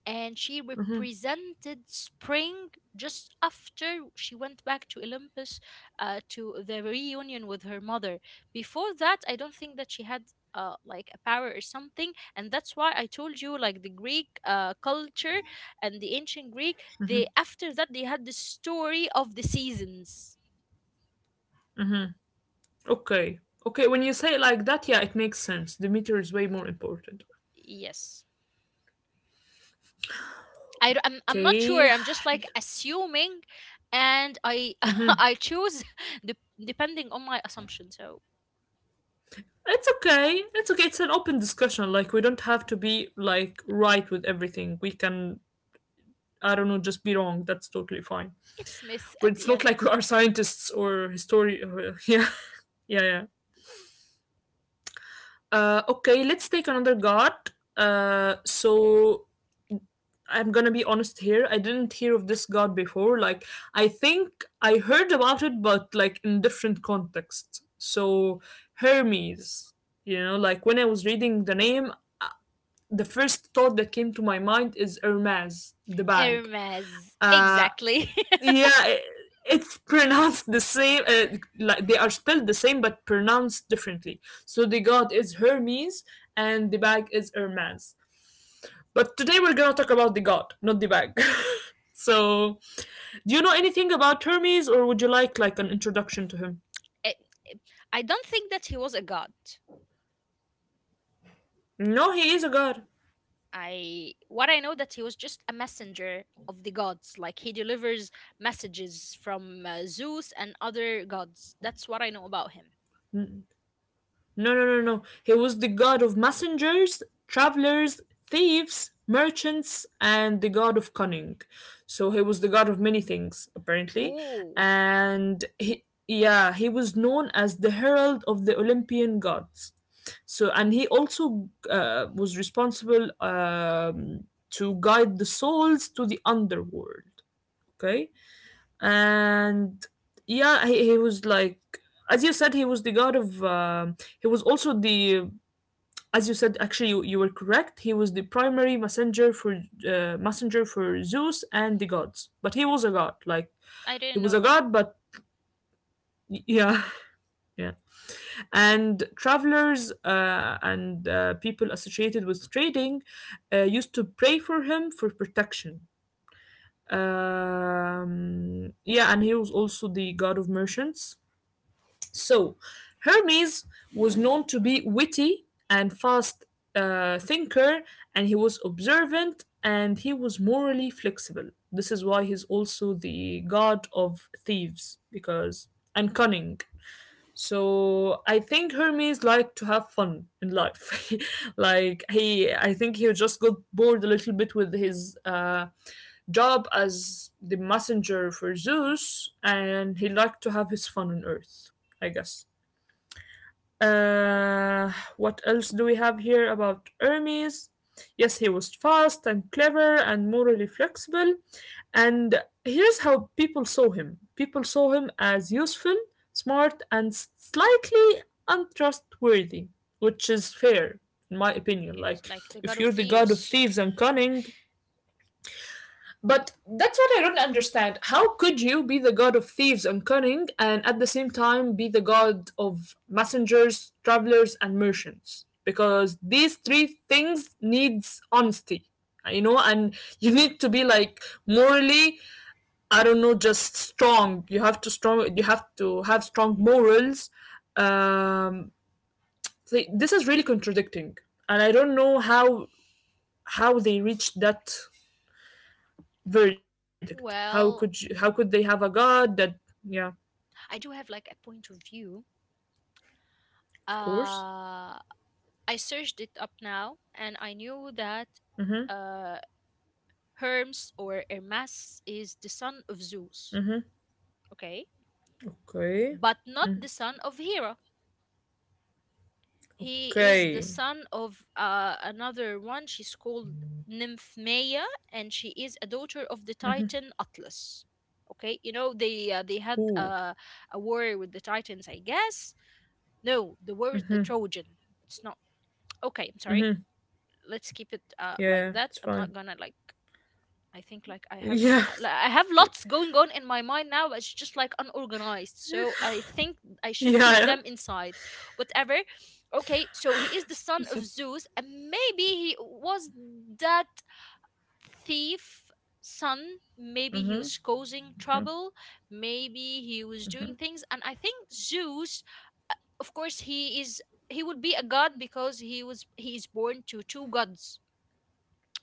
Speaker 2: and she represented spring, just after she went back to Olympus, to the reunion with her mother. Before that, I don't think that she had like a power or something, and that's why I told you like the Greek culture and the ancient Greek. They, after that they had the story of the seasons.
Speaker 1: Okay. Okay, when you say it like that, yeah, it makes sense. The meter is way more important.
Speaker 2: Yes. I'm not sure.
Speaker 1: Okay.
Speaker 2: I'm just like assuming, and I [LAUGHS]
Speaker 1: Mhm.
Speaker 2: I choose [LAUGHS] de- depending on my assumption. So
Speaker 1: It's okay. It's okay. It's an open discussion. Like, we don't have to be like right with everything. We can, I don't know, just be wrong. That's totally fine.
Speaker 2: it's Miss
Speaker 1: But
Speaker 2: at
Speaker 1: it's
Speaker 2: the
Speaker 1: not like we
Speaker 2: end.
Speaker 1: are scientists or historian. [LAUGHS] Yeah, yeah, yeah. Okay, let's take another god. So I'm gonna be honest here. I didn't hear of this god before. Like I think I heard about it, but like in different context. So Hermes. You know, like when I was reading the name, the first thought that came to my mind is Hermes, the bag.
Speaker 2: Hermes.
Speaker 1: Uh,
Speaker 2: Exactly.
Speaker 1: yeah, I it's [LAUGHS] pronounced the same. Like they are spelled the same but pronounced differently. So the god is Hermes and the bag is Hermes. But today we're gonna talk about the god, not the bag. [LAUGHS] so, do you know anything about Hermes, or would you like an introduction to him?
Speaker 2: [LAUGHS] I I don't think that he was a god.
Speaker 1: No, he is a god.
Speaker 2: I, what I know that he was just a messenger of the gods. Like he delivers messages from Zeus and other gods. That's what I know about him.
Speaker 1: No, no, no, no. He was the god of messengers, travelers, thieves, merchants, and the god of cunning. So he was the god of many things, apparently.
Speaker 2: Ooh,
Speaker 1: And he, yeah, he was known as the herald of the Olympian gods. So, and he also was responsible to guide the souls to the underworld. Okay, and yeah, he was like, as you said, he was the god of he was also the, as you said actually, you were correct, he was the primary messenger for Zeus and the gods, but he was a god like,
Speaker 2: I
Speaker 1: he
Speaker 2: didn't
Speaker 1: was
Speaker 2: know
Speaker 1: a
Speaker 2: that.
Speaker 1: god, but yeah. [LAUGHS] Yeah, and travelers and people associated with trading used to pray for him for protection. Yeah, and he was also the god of merchants. So, Hermes was known to be witty and fast thinker, and he was observant and he was morally flexible. This is why he's also the god of thieves, because and cunning. So I think Hermes liked to have fun in life. [LAUGHS] Like he, I think he just got bored a little bit with his job as the messenger for Zeus, and he liked to have his fun on Earth. I guess. Uh, what else do we have here about Hermes? Yes, he was fast and clever and morally flexible. And here's how people saw him, people saw him as useful, smart, and slightly untrustworthy, which is fair, in my opinion.
Speaker 2: He
Speaker 1: Like,
Speaker 2: was like the god
Speaker 1: if
Speaker 2: of
Speaker 1: you're the god of
Speaker 2: thieves.
Speaker 1: thieves and cunning, but that's what I don't understand. How could you be the god of thieves and cunning and at the same time be the god of messengers, travelers and merchants? Because these three things needs honesty. You know, and you need to be like morally, I don't know, just strong. You have to strong, you have to have strong morals. Um so this is really contradicting. And I don't know how they reached that verdict, how could you, how
Speaker 2: Well,
Speaker 1: could they have a god that yeah,
Speaker 2: I do have like a point of view.
Speaker 1: of course,
Speaker 2: Uh, I searched it up now and I knew that uh, Hermes or Hermes is the son of Zeus, okay?
Speaker 1: okay,
Speaker 2: But not the son of Hera. He is the
Speaker 1: okay,
Speaker 2: son of another one. She's called Nymphmea, and she is a daughter of the Titan Atlas. Okay, you know, they had
Speaker 1: ooh,
Speaker 2: a war with the Titans, I guess. No, the war is the Trojan. It's not okay. I'm sorry. Let's keep it
Speaker 1: yeah,
Speaker 2: like
Speaker 1: yeah,
Speaker 2: that.
Speaker 1: it's
Speaker 2: I'm not
Speaker 1: fine,
Speaker 2: gonna like, I think like I have
Speaker 1: yeah.
Speaker 2: like, I have
Speaker 1: [LAUGHS]
Speaker 2: lots going on in my mind now, but it's just like unorganized. So I think I should keep
Speaker 1: Yeah,
Speaker 2: them inside. Whatever. Okay, so he is the son of Zeus, and maybe he was that thief son. Maybe he was causing trouble. Maybe he was doing things, and I think Zeus, of course, he is. He would be a god because he is born to two gods,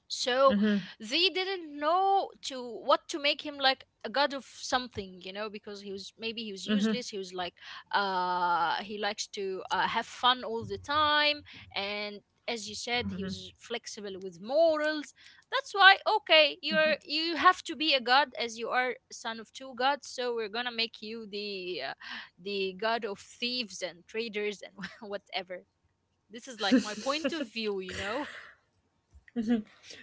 Speaker 2: so they didn't know to what to make him, like a god of something, you know, because he was useless. He was like, he likes to have fun all the time, and as you said, he was flexible with morals. That's why, okay, you have to be a god, as you are son of two gods, so we're gonna make you the god of thieves and traders and [LAUGHS] whatever. This is like my point of view, you know.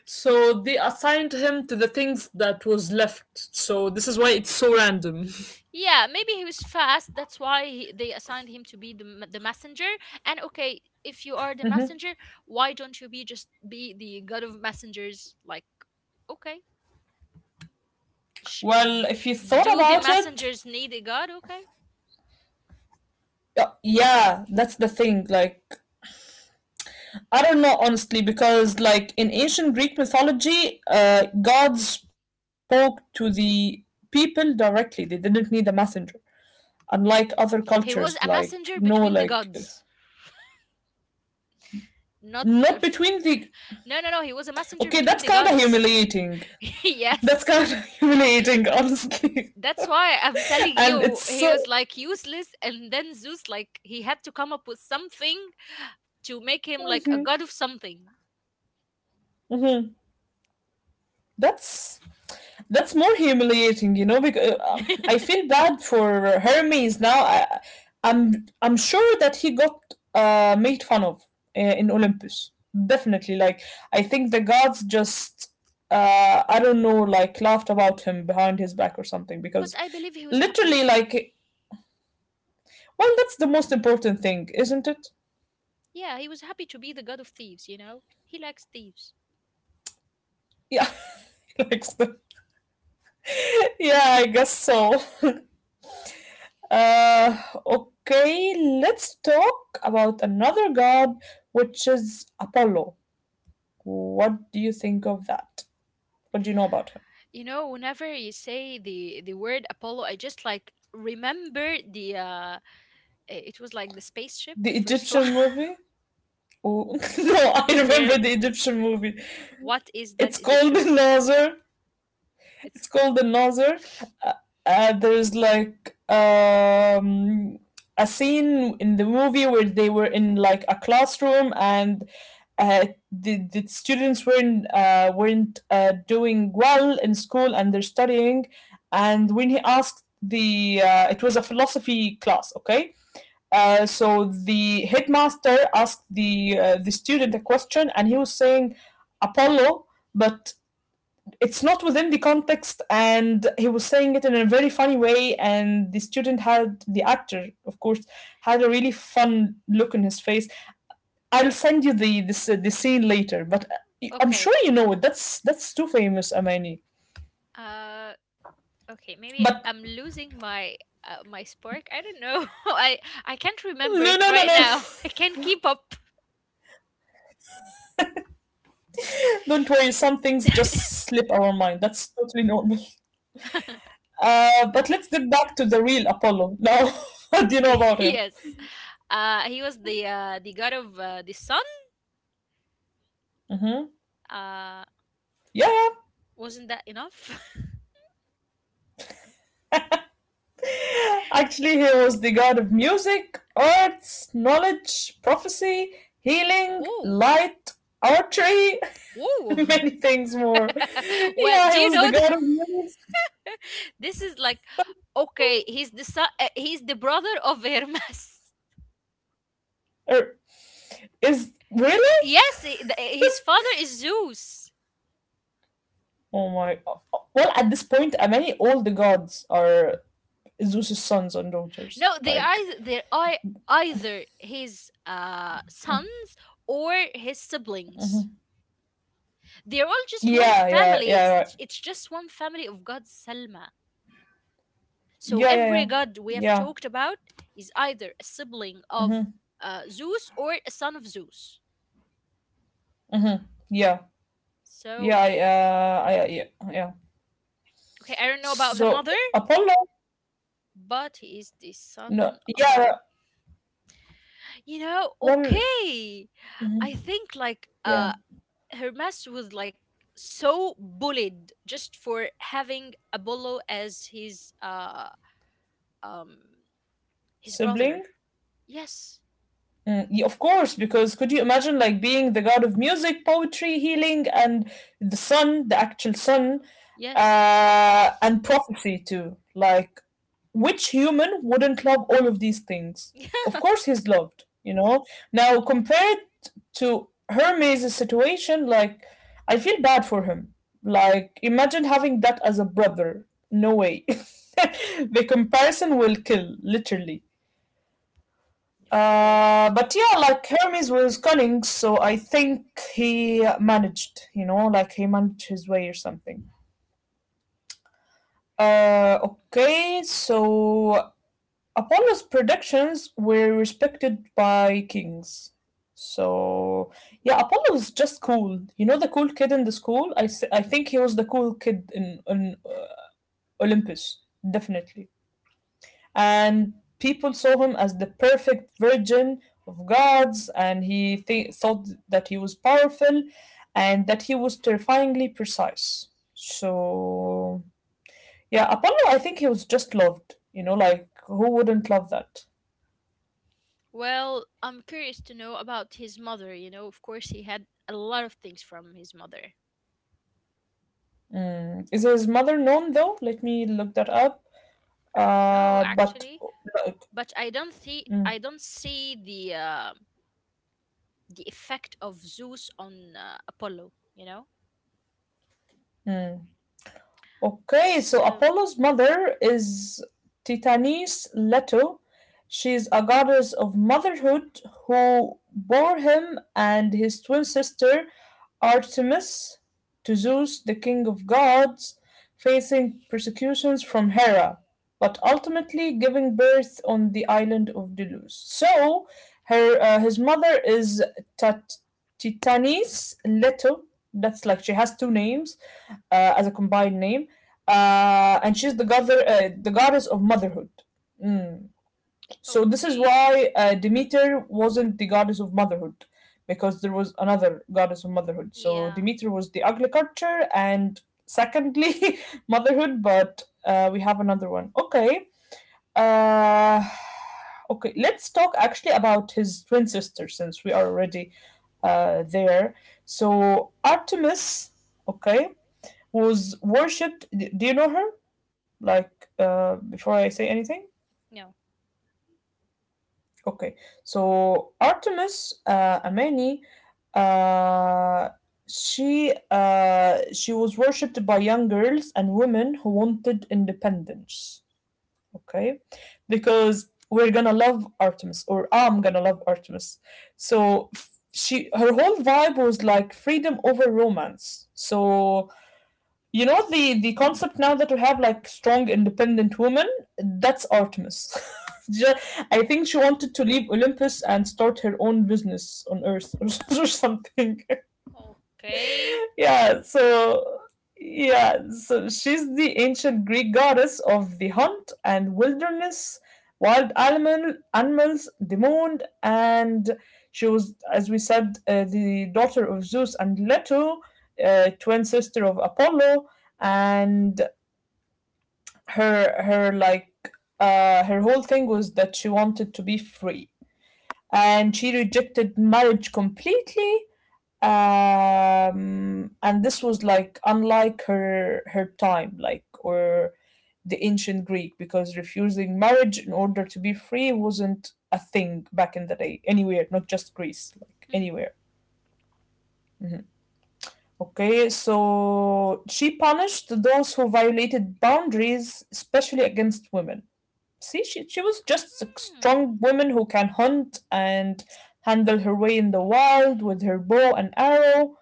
Speaker 1: so they assigned him to the things that was left, so this is why it's so random. [LAUGHS]
Speaker 2: Yeah, maybe he was fast. That's why they assigned him to be the, the messenger. And okay, if you are the messenger, why don't you be just be the god of messengers? Like, okay, sh-
Speaker 1: Well,
Speaker 2: d-
Speaker 1: if you thought
Speaker 2: do the
Speaker 1: about it,
Speaker 2: messengers need a god? Okay,
Speaker 1: yeah, that's the thing. Like, I don't know honestly, because like in ancient Greek mythology, gods spoke to the people directly. They didn't need a messenger, unlike other cultures
Speaker 2: he was
Speaker 1: like
Speaker 2: a
Speaker 1: no
Speaker 2: messenger
Speaker 1: like
Speaker 2: between the gods. Not
Speaker 1: not between the,
Speaker 2: No. He was a messenger
Speaker 1: okay,
Speaker 2: between
Speaker 1: that's
Speaker 2: the
Speaker 1: kind of
Speaker 2: gods.
Speaker 1: humiliating.
Speaker 2: [LAUGHS]
Speaker 1: [LAUGHS] That's
Speaker 2: Yes,
Speaker 1: kind of humiliating honestly.
Speaker 2: that's why I'm
Speaker 1: [LAUGHS]
Speaker 2: telling
Speaker 1: And it's
Speaker 2: you, he
Speaker 1: so
Speaker 2: was like useless. And then Zeus, like, he had to come up with something to make him like a
Speaker 1: mhm,
Speaker 2: god of something.
Speaker 1: mhm, that's That's more humiliating, you know, because I
Speaker 2: [LAUGHS]
Speaker 1: feel bad for Hermes now. I'm sure that he got made fun of in Olympus. Definitely, like I think the gods just I don't know, like laughed about him behind his back or something
Speaker 2: But
Speaker 1: because
Speaker 2: I believe he was
Speaker 1: literally,
Speaker 2: happy.
Speaker 1: like, well, that's the most important thing, isn't it?
Speaker 2: Yeah, he was happy to be the god of thieves, you know? He likes thieves.
Speaker 1: Yeah, [LAUGHS] like, yeah, I guess so. Uh, okay, let's talk about another god, which is Apollo. What do you think of that? What do you know about him?
Speaker 2: You know, whenever you say the word Apollo, I just like remember the it was like the spaceship,
Speaker 1: The
Speaker 2: the first one.
Speaker 1: Egyptian
Speaker 2: [LAUGHS]
Speaker 1: movie? Oh, [LAUGHS] no, I
Speaker 2: Is
Speaker 1: remember
Speaker 2: there,
Speaker 1: the Egyptian movie.
Speaker 2: what is that
Speaker 1: It's called
Speaker 2: Egyptian?
Speaker 1: [LAUGHS] Nazar.
Speaker 2: It's
Speaker 1: It's called the Nazar. Uh, there's like a scene in the movie where they were in like a classroom, and the students weren't doing well in school and they're studying. And when he asked it was a philosophy class, okay. So the headmaster asked the student a question, and he was saying Apollo, but it's not within the context, and he was saying it in a very funny way, and the student had, the actor of course, had a really fun look in his face. I'll send you the this the scene later, but I'm
Speaker 2: okay.
Speaker 1: sure you know it. That's too famous, Amani.
Speaker 2: Uh, okay.
Speaker 1: But
Speaker 2: Maybe I'm losing my my spark. I don't know. [LAUGHS] I I can't
Speaker 1: no,
Speaker 2: remember
Speaker 1: no,
Speaker 2: it
Speaker 1: no, no.
Speaker 2: right now. [LAUGHS] I can't keep up.
Speaker 1: [LAUGHS] Don't worry, some things just
Speaker 2: [LAUGHS]
Speaker 1: slip our mind. That's totally normal. But let's get back to the real Apollo now. [LAUGHS] What do you know about him?
Speaker 2: Yes. He was the god of the sun.
Speaker 1: Mm-hmm.
Speaker 2: Uh,
Speaker 1: Yeah, yeah.
Speaker 2: wasn't that enough? [LAUGHS]
Speaker 1: Actually, he was the god of music, arts, knowledge, prophecy, healing,
Speaker 2: Whoa,
Speaker 1: light, archery,
Speaker 2: whoa.
Speaker 1: [LAUGHS] many things more.
Speaker 2: [LAUGHS] Well,
Speaker 1: Yeah,
Speaker 2: do
Speaker 1: he
Speaker 2: you
Speaker 1: was the
Speaker 2: know,
Speaker 1: god of music.
Speaker 2: this is like, okay, he's the son, he's the brother of Hermes. [LAUGHS]
Speaker 1: Er, is really?
Speaker 2: Yes, his father is Zeus.
Speaker 1: Oh my. Well, at this point, I mean, all the gods are Zeus's sons and daughters.
Speaker 2: No,
Speaker 1: Like,
Speaker 2: they are either his sons or his siblings. They're all just one
Speaker 1: yeah, yeah,
Speaker 2: family.
Speaker 1: yeah, right.
Speaker 2: It's just one family of God, Selma. So
Speaker 1: Yeah, yeah, yeah,
Speaker 2: every god we have
Speaker 1: yeah.
Speaker 2: talked about is either a sibling of
Speaker 1: Mm-hmm,
Speaker 2: Zeus or a son of Zeus.
Speaker 1: mm-hmm. Yeah, yeah,
Speaker 2: So
Speaker 1: I, yeah, yeah.
Speaker 2: okay, I don't know about the
Speaker 1: So
Speaker 2: mother,
Speaker 1: Apollo,
Speaker 2: but he is the
Speaker 1: no,
Speaker 2: son of,
Speaker 1: yeah,
Speaker 2: you know,
Speaker 1: one,
Speaker 2: okay. I think like
Speaker 1: yeah,
Speaker 2: Hermes was like so bullied just for having Apollo as um his brother.
Speaker 1: sibling.
Speaker 2: Yes.
Speaker 1: Mm, yeah, of course, because could you imagine like being the god of music, poetry, healing, and the sun, the actual sun,
Speaker 2: Yes. [LAUGHS]
Speaker 1: and prophecy too? Like, which human wouldn't love all of these things?
Speaker 2: Yeah.
Speaker 1: Of course, he's loved. You know. Now compared to Hermes' situation. Like, I feel bad for him. Like, imagine having that as a brother. No way. [LAUGHS] The comparison will kill, literally.
Speaker 2: Of course.
Speaker 1: But yeah, like Hermes was cunning, so I think he managed, you know, like he managed his way or something. Okay, so Apollo's predictions were respected by kings. So yeah, Apollo was just cool. You know, the cool kid in the school. I think he was the cool kid in Olympus, definitely. And people saw him as the perfect virgin of gods, and he thought that he was powerful, and that he was terrifyingly precise. So yeah, Apollo, I think he was just loved, you know, like who wouldn't love that.
Speaker 2: Well, I'm curious to know about his mother. You know, of course, he had a lot of things from his mother.
Speaker 1: Mm. Is his mother known though? Let me look that up.
Speaker 2: I don't know,
Speaker 1: But
Speaker 2: actually.
Speaker 1: like,
Speaker 2: But I don't see,
Speaker 1: mm,
Speaker 2: I don't see the effect of Zeus on Apollo. You know,
Speaker 1: mm. Okay, so
Speaker 2: so
Speaker 1: Apollo's mother is Titanis Leto. She's a goddess of motherhood who bore him and his twin sister Artemis to Zeus, the king of gods, facing persecutions from Hera, but ultimately giving birth on the island of Delos. So, her his mother is Tat- Titanis Leto. That's like she has two names as a combined name, and she's the goddess of motherhood. Mm. So this is
Speaker 2: okay,
Speaker 1: why Demeter wasn't the goddess of motherhood, because there was another goddess of motherhood. So
Speaker 2: yeah,
Speaker 1: Demeter was the agriculture, and secondly, [LAUGHS] motherhood. But we have another one. Okay. Uh, okay. Let's talk actually about his twin sister, since we are already there. So Artemis. Okay, was worshipped. D- Do you know her? Like, before I say anything?
Speaker 2: no,
Speaker 1: Okay. So, Artemis Amani, uh, she was worshipped by young girls and women who wanted independence. Okay, because we're gonna love Artemis, or I'm gonna love Artemis. She Her whole vibe was like freedom over romance. So you know the concept now that we have like strong independent women, that's Artemis. [LAUGHS] I think she wanted to leave Olympus and start her own business on Earth, or something.
Speaker 2: okay.
Speaker 1: [LAUGHS] Yeah, so yeah, so she's the ancient Greek goddess of the hunt and wilderness, wild animal animals, the moon, and she was, as we said, the daughter of Zeus and Leto, twin sister of Apollo. And her like her whole thing was that she wanted to be free, and she rejected marriage completely. And this was like unlike her time, like, or the ancient Greek, because refusing marriage in order to be free wasn't a thing back in the day anywhere, not just Greece, like
Speaker 2: Hmm.
Speaker 1: anywhere. Mhm. Okay, so she punished those who violated boundaries, especially against women. See, she was just a
Speaker 2: Hmm.
Speaker 1: strong woman who can hunt and handle her way in the wild with her bow and arrow.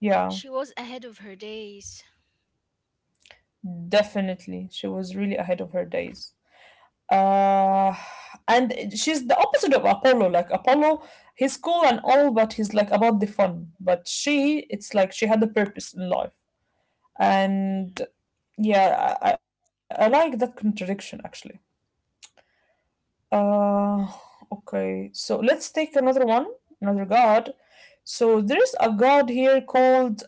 Speaker 1: Yeah,
Speaker 2: She was ahead of her days.
Speaker 1: definitely. She was really ahead of her days. Uh, and she's the opposite of Apollo. Like Apollo, he's cool and all, but he's like about the fun. But she, it's like she had a purpose in life.
Speaker 2: Mm,
Speaker 1: And yeah, I like that contradiction actually. Uh, okay. So let's take another one, another god. So there's a god here called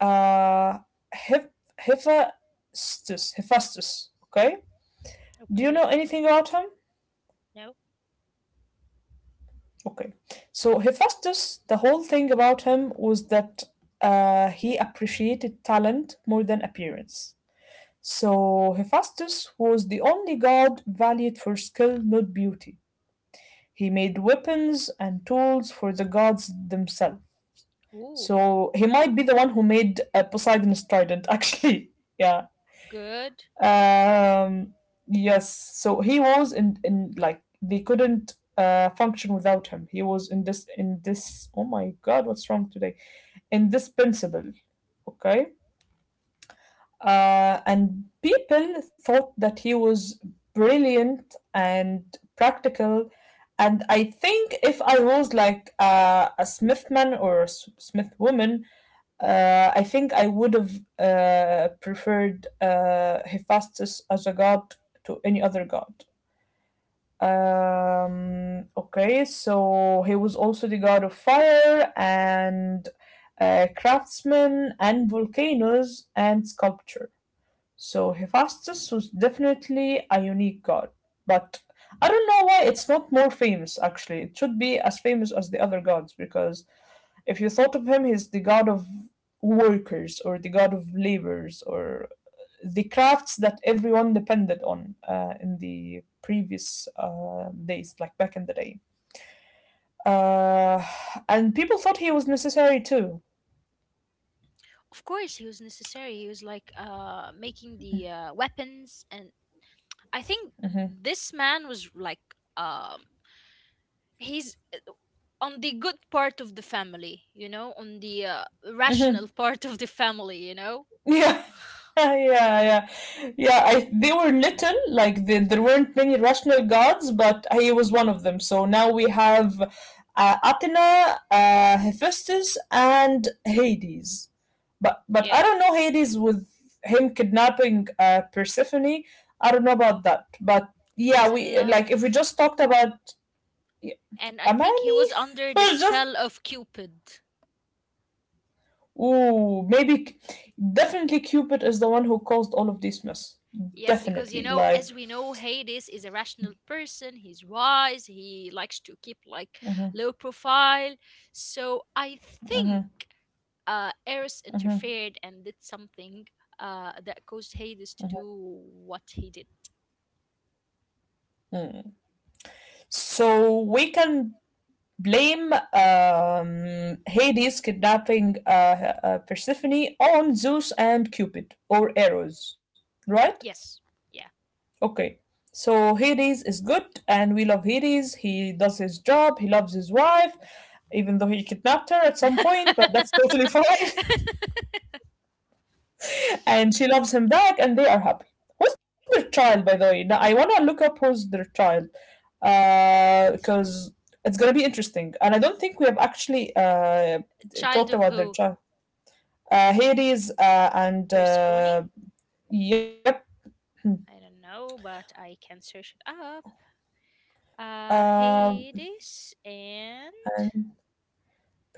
Speaker 1: uh Hephaestus. Hephaestus. Okay. Do you know
Speaker 2: okay.
Speaker 1: anything about him?
Speaker 2: No.
Speaker 1: Okay. So Hephaestus, the whole thing about him was that he appreciated talent more than appearance. So Hephaestus was the only god valued for skill, not beauty. He made weapons and tools for the gods themselves.
Speaker 2: Ooh,
Speaker 1: So he might be the one who made Poseidon's trident, actually. [LAUGHS] Yeah.
Speaker 2: good.
Speaker 1: Um, yes. So he was in like, they couldn't function without him. He was in this, oh my God, what's wrong today? Indispensable. Okay. And people thought that he was brilliant and practical. And I think if I was like a Smithman or a Smith woman, I think I would have preferred Hephaestus as a god to any other god. Okay, so he was also the god of fire and craftsmen and volcanoes and sculpture. So Hephaestus was definitely a unique god, but I don't know why it's not more famous actually. It should be as famous as the other gods because if you thought of him, he's the god of workers or the god of labors or the crafts that everyone depended on in the previous days, like back in the day. Uh, and people thought he was necessary too.
Speaker 2: Of course, he was necessary. He was like making the weapons, and I think this man was like, um he's on the good part of the family, you know, on the rational [LAUGHS] part of the family, you know.
Speaker 1: Yeah. [LAUGHS] Yeah, yeah, yeah. They were little, like there weren't many rational gods, but he was one of them. So now we have Athena, Hephaestus, and Hades. But I
Speaker 2: Yeah,
Speaker 1: don't know Hades with him kidnapping Persephone. I don't know about that. But
Speaker 2: he
Speaker 1: yeah,
Speaker 2: was in
Speaker 1: we like if we
Speaker 2: love.
Speaker 1: just talked about yeah,
Speaker 2: And I think he
Speaker 1: Amani,
Speaker 2: was under
Speaker 1: [LAUGHS]
Speaker 2: the
Speaker 1: or just
Speaker 2: spell of Cupid.
Speaker 1: ooh, maybe definitely Cupid is the one who caused all of this mess.
Speaker 2: Yes, because you
Speaker 1: Definitely,
Speaker 2: know,
Speaker 1: like.
Speaker 2: as we know, Hades is a rational person. He's wise. He likes to keep like
Speaker 1: Mhm.
Speaker 2: low profile. So I think
Speaker 1: Mhm.
Speaker 2: Eris
Speaker 1: Mhm.
Speaker 2: interfered and did something that caused Hades to do what he did.
Speaker 1: So we can blame Hades kidnapping Persephone on Zeus and Cupid or Eros, right?
Speaker 2: Yes, yeah.
Speaker 1: Okay. So Hades is good, and we love Hades. He does his job. He loves his wife, even though he kidnapped her at some point. But that's totally [LAUGHS] fine.
Speaker 2: [LAUGHS]
Speaker 1: And she loves him back and they are happy. Who's their child, by the way? Now I want to look up who's their child, because it's gonna be interesting and I don't think we have actually
Speaker 2: Child
Speaker 1: talked
Speaker 2: of
Speaker 1: about their
Speaker 2: who?
Speaker 1: child, Hades uh and
Speaker 2: Persephone?
Speaker 1: uh yep.
Speaker 2: I don't know, but I can search it up.
Speaker 1: Uh,
Speaker 2: Hades and
Speaker 1: and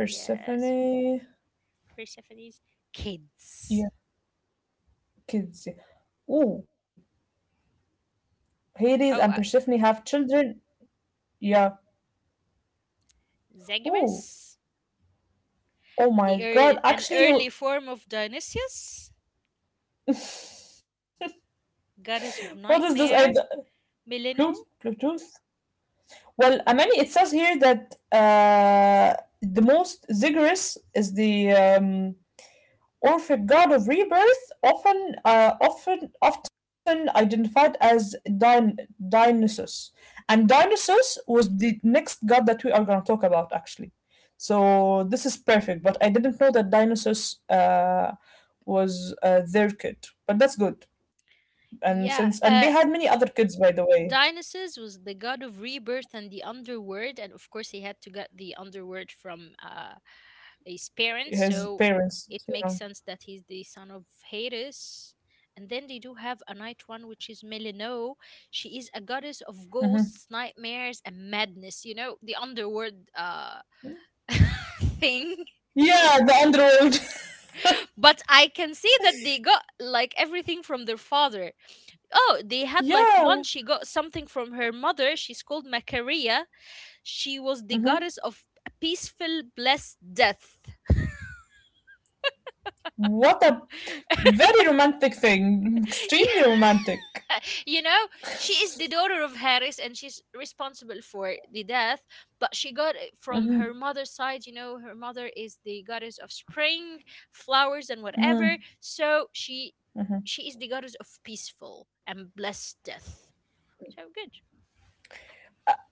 Speaker 2: yes, Persephone's kids.
Speaker 1: yeah, kids, yeah. Ooh, Hades and
Speaker 2: Oh,
Speaker 1: Persephone have children. Yeah. Ooh.
Speaker 2: Zagreus,
Speaker 1: Oh my
Speaker 2: the ear
Speaker 1: God.
Speaker 2: an
Speaker 1: Actually, he.
Speaker 2: early form of Dionysius,
Speaker 1: [LAUGHS]
Speaker 2: goddess of
Speaker 1: What is this? I
Speaker 2: nightmare, Millennium.
Speaker 1: Pluto. Plutus. Well, Amani, it says here that the most Zigguris is the Orphic god of rebirth, often identified as Dionysus, and Dionysus was the next god that we are going to talk about actually. So this is perfect, but I didn't know that Dionysus was their kid, but that's good. And
Speaker 2: Yeah,
Speaker 1: since and they had many other kids, by the way,
Speaker 2: Dionysus was the god of rebirth and the underworld, and of course, he had to get the underworld from his parents, so
Speaker 1: his
Speaker 2: it
Speaker 1: parents,
Speaker 2: makes
Speaker 1: you
Speaker 2: sense
Speaker 1: know.
Speaker 2: that he's the son of Hades. And then they do have a night one, which is Melino. She is a goddess of
Speaker 1: Mm-hmm.
Speaker 2: ghosts, nightmares, and madness. You know, the underworld [LAUGHS] thing.
Speaker 1: Yeah, the underworld.
Speaker 2: But I can see that they got like everything from their father. Oh, they
Speaker 1: [LAUGHS]
Speaker 2: had like
Speaker 1: Yeah.
Speaker 2: one. She got something from her mother. She's called Macaria. She was the
Speaker 1: Mhm.
Speaker 2: goddess of a peaceful, blessed death.
Speaker 1: What a
Speaker 2: [LAUGHS]
Speaker 1: very romantic thing.
Speaker 2: Yeah,
Speaker 1: Extremely romantic.
Speaker 2: you know, she is the daughter of Harris and she's responsible for the death, but she got it from her mother's side. You know, her mother is the goddess of spring, flowers, and whatever. So she is the goddess of peaceful and blessed death. So good.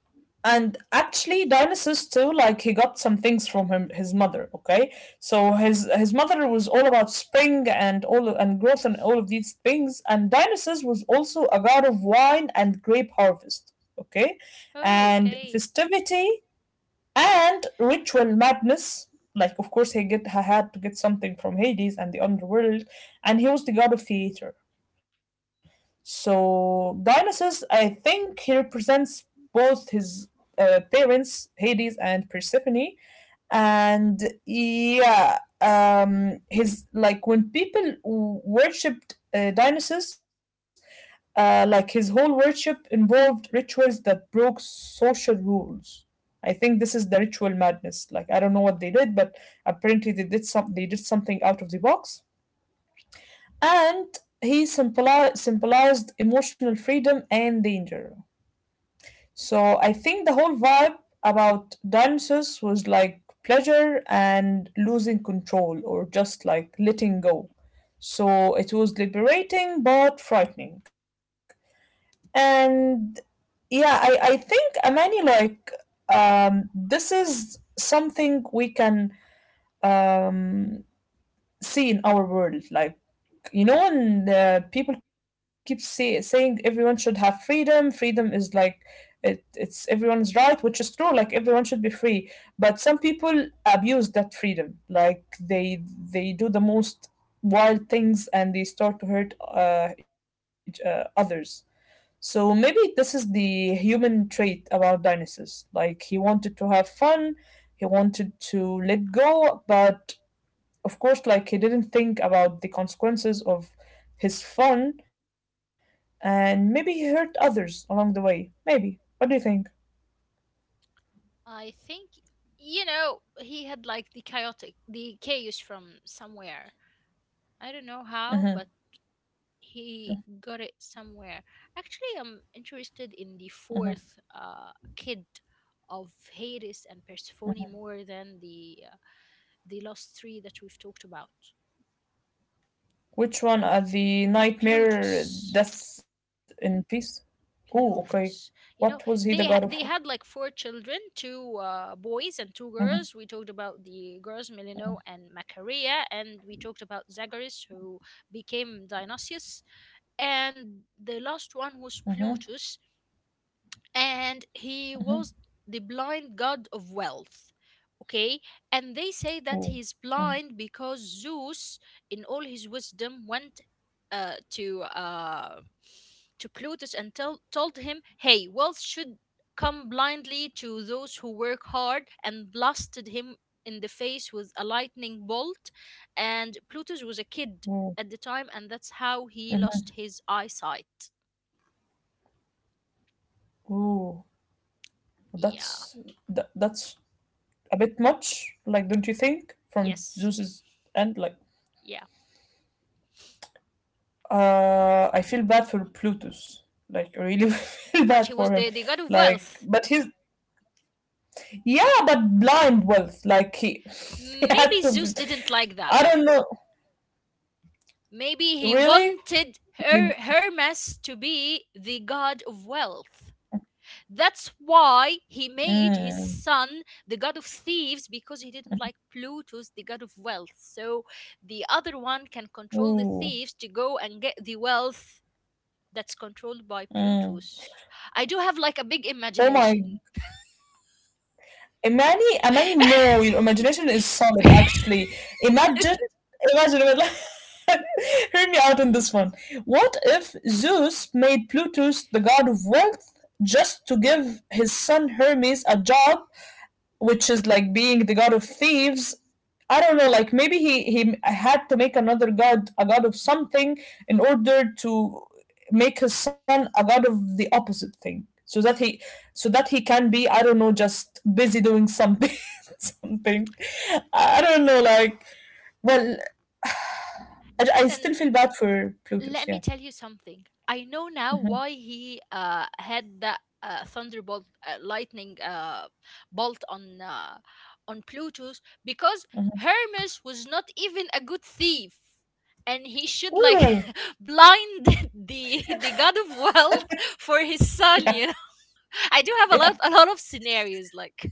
Speaker 1: And actually, Dionysus too, like he got some things from him, his mother. Okay, so his mother was all about spring and all and growth and all of these things. And Dionysus was also a god of wine and grape harvest. Okay,
Speaker 2: Oh,
Speaker 1: and
Speaker 2: okay.
Speaker 1: festivity and ritual madness. Like, of course, he had to get something from Hades and the underworld, and he was the god of theater. So Dionysus, I think, he represents both his parents, Hades and Persephone, and yeah, his like when people worshipped Dionysus, like his whole worship involved rituals that broke social rules. I think this is the ritual madness, like I don't know what they did, but apparently they did something out of the box. And he symbolized emotional freedom and danger. So I think the whole vibe about Dionysus was like pleasure and losing control or just like letting go. So it was liberating but frightening. And yeah, I think Amani, like this is something we can um see in our world. Like you know and people keep saying everyone should have freedom. Freedom is like it's everyone's right, which is true. Like everyone should be free, but some people abuse that freedom, like they do the most wild things and they start to hurt others. So maybe this is the human trait about Dionysus. Like he wanted to have fun, he wanted to let go, but of course, like he didn't think about the consequences of his fun, and maybe he hurt others along the way. Maybe, what do you think?
Speaker 2: I think, you know, he had like the chaotic, the chaos from somewhere. I don't know how, but he got it somewhere. Actually, I'm interested in the fourth kid of Hades and Persephone more than the last three that we've talked about.
Speaker 1: Which one are the nightmare,
Speaker 2: Plutus.
Speaker 1: death in peace? Oh, okay.
Speaker 2: Plutus.
Speaker 1: What was
Speaker 2: You
Speaker 1: he
Speaker 2: know,
Speaker 1: the god of?
Speaker 2: they had like four children, two boys and two
Speaker 1: Mm-hmm.
Speaker 2: girls. We talked about the girls Milino and Macaria, and we talked about Zagreus, who became Dionysius, and the last
Speaker 1: Mm-hmm.
Speaker 2: one was Plutus, and
Speaker 1: Hmm.
Speaker 2: he was the blind god of wealth. Okay, and they say that
Speaker 1: Ooh.
Speaker 2: he's
Speaker 1: Mm.
Speaker 2: blind because Zeus, in all his wisdom, went uh, to uh, to Plutus and told him, hey, wealth should come blindly to those who work hard, and blasted him in the face with a lightning bolt. And Plutus was a kid
Speaker 1: Ooh.
Speaker 2: at the time, and that's how he
Speaker 1: Mhm.
Speaker 2: lost his eyesight.
Speaker 1: Ooh. That's
Speaker 2: Yeah,
Speaker 1: that's a bit much, like, don't you think, from
Speaker 2: yes.
Speaker 1: Zeus's end? Like
Speaker 2: Yeah.
Speaker 1: I feel bad for Plutus. Like I really [LAUGHS] feel
Speaker 2: But he
Speaker 1: bad for
Speaker 2: was
Speaker 1: him.
Speaker 2: the god of
Speaker 1: Like,
Speaker 2: wealth.
Speaker 1: but he's yeah, but blind wealth. Like he, [LAUGHS] he had
Speaker 2: Maybe
Speaker 1: to. Be,
Speaker 2: Zeus didn't like that.
Speaker 1: I don't know.
Speaker 2: Maybe he
Speaker 1: Really?
Speaker 2: wanted
Speaker 1: Like,
Speaker 2: her Hermes to be the god of wealth. That's why he made
Speaker 1: mm,
Speaker 2: his son the god of thieves, because he didn't like Pluto's the god of wealth. So the other one can control the
Speaker 1: ooh,
Speaker 2: thieves to go and get the wealth that's controlled by
Speaker 1: mm.
Speaker 2: Pluto's. I do have like a big
Speaker 1: Oh my
Speaker 2: imagination.
Speaker 1: Imani, Imani, no, your imagination is solid,
Speaker 2: [LAUGHS]
Speaker 1: actually. Imagine, we're like- [LAUGHS] hear me out on this one. What if Zeus made Plutus the god of wealth just to give his son Hermes a job, which is like being the god of thieves? I don't know, like maybe he had to make another god, a god of something, in order to make his son a god of the opposite thing, so that he can be, I don't know, just busy doing something, [LAUGHS] something. I don't know, like well, I still
Speaker 2: And
Speaker 1: feel bad for Plutus.
Speaker 2: let
Speaker 1: Yeah.
Speaker 2: me tell you something. I know now why he had that thunderbolt, lightning bolt on Plutus, because Hermes was not even a good thief, and he should like
Speaker 1: Ooh.
Speaker 2: [LAUGHS] blind [LAUGHS] the god of wealth [LAUGHS] for his
Speaker 1: [LAUGHS] Yeah.
Speaker 2: son. You know, [LAUGHS] I do have
Speaker 1: Yeah.
Speaker 2: a lot of scenarios like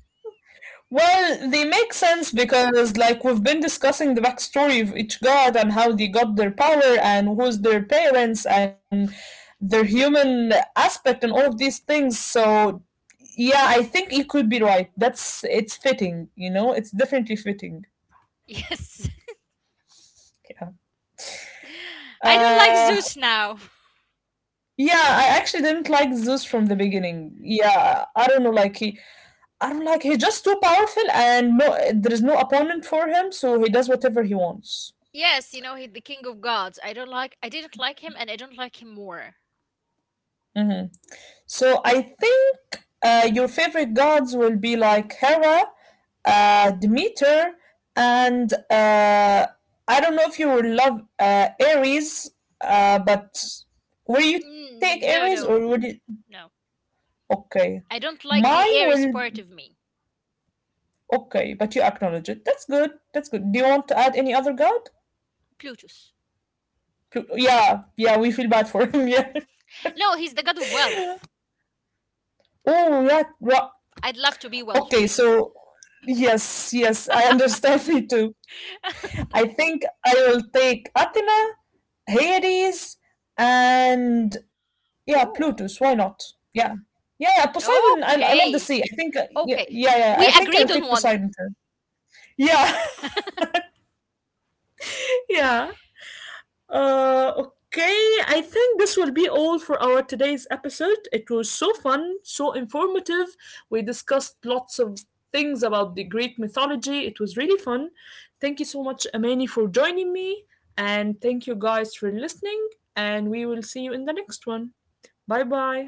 Speaker 1: Well, they make sense
Speaker 2: [LAUGHS]
Speaker 1: because, like, we've been discussing the backstory of each god and how they got their power and who's their parents and their human aspect and all of these things. So, yeah, I think you could be right. That's it's fitting, you know, it's definitely fitting.
Speaker 2: yes. [LAUGHS] I don't like
Speaker 1: Uh,
Speaker 2: Zeus now.
Speaker 1: yeah, I actually didn't like Zeus from the beginning. Yeah, I don't know, like he, I don't like he's just too powerful and no, there is no opponent for him, so he does whatever he wants.
Speaker 2: Yes, you know, he the king of gods. I don't like, I didn't like him and I don't like him more.
Speaker 1: Mm-hmm. So I think your favorite gods will be like Hera, Demeter, and I don't know if you will love Aries, but will you take Aries
Speaker 2: Mm,
Speaker 1: or would you?
Speaker 2: no.
Speaker 1: Okay,
Speaker 2: I don't
Speaker 1: mine
Speaker 2: like the
Speaker 1: will.
Speaker 2: Aries part of me.
Speaker 1: Okay, but you acknowledge it. That's good. That's good. Do you want to add any other god?
Speaker 2: Plutus.
Speaker 1: Plu- Yeah, yeah, we feel bad for him. [LAUGHS] Yeah.
Speaker 2: No, he's the god of wealth.
Speaker 1: Oh, yeah. Ra-
Speaker 2: I'd love to be
Speaker 1: Okay,
Speaker 2: wealthy.
Speaker 1: so yes, yes, I understand. [LAUGHS] Me too. I
Speaker 2: [LAUGHS]
Speaker 1: think I will take Athena, Hades, and yeah, Plutus. Why
Speaker 2: Oh.
Speaker 1: not? Yeah, yeah. Yeah, Poseidon. I love the sea. I
Speaker 2: Okay.
Speaker 1: think. Yeah,
Speaker 2: Okay.
Speaker 1: yeah,
Speaker 2: So
Speaker 1: yeah. I
Speaker 2: we
Speaker 1: think I'll take
Speaker 2: agreed on
Speaker 1: Poseidon
Speaker 2: one.
Speaker 1: too. Yeah, [LAUGHS] yeah. Okay, I think this will be all for our today's episode. It was so fun, so informative. We discussed lots of things about the Greek mythology. It was really fun. Thank you so much, Amani, for joining me. And thank you guys for listening. And we will see you in the next one. Bye bye.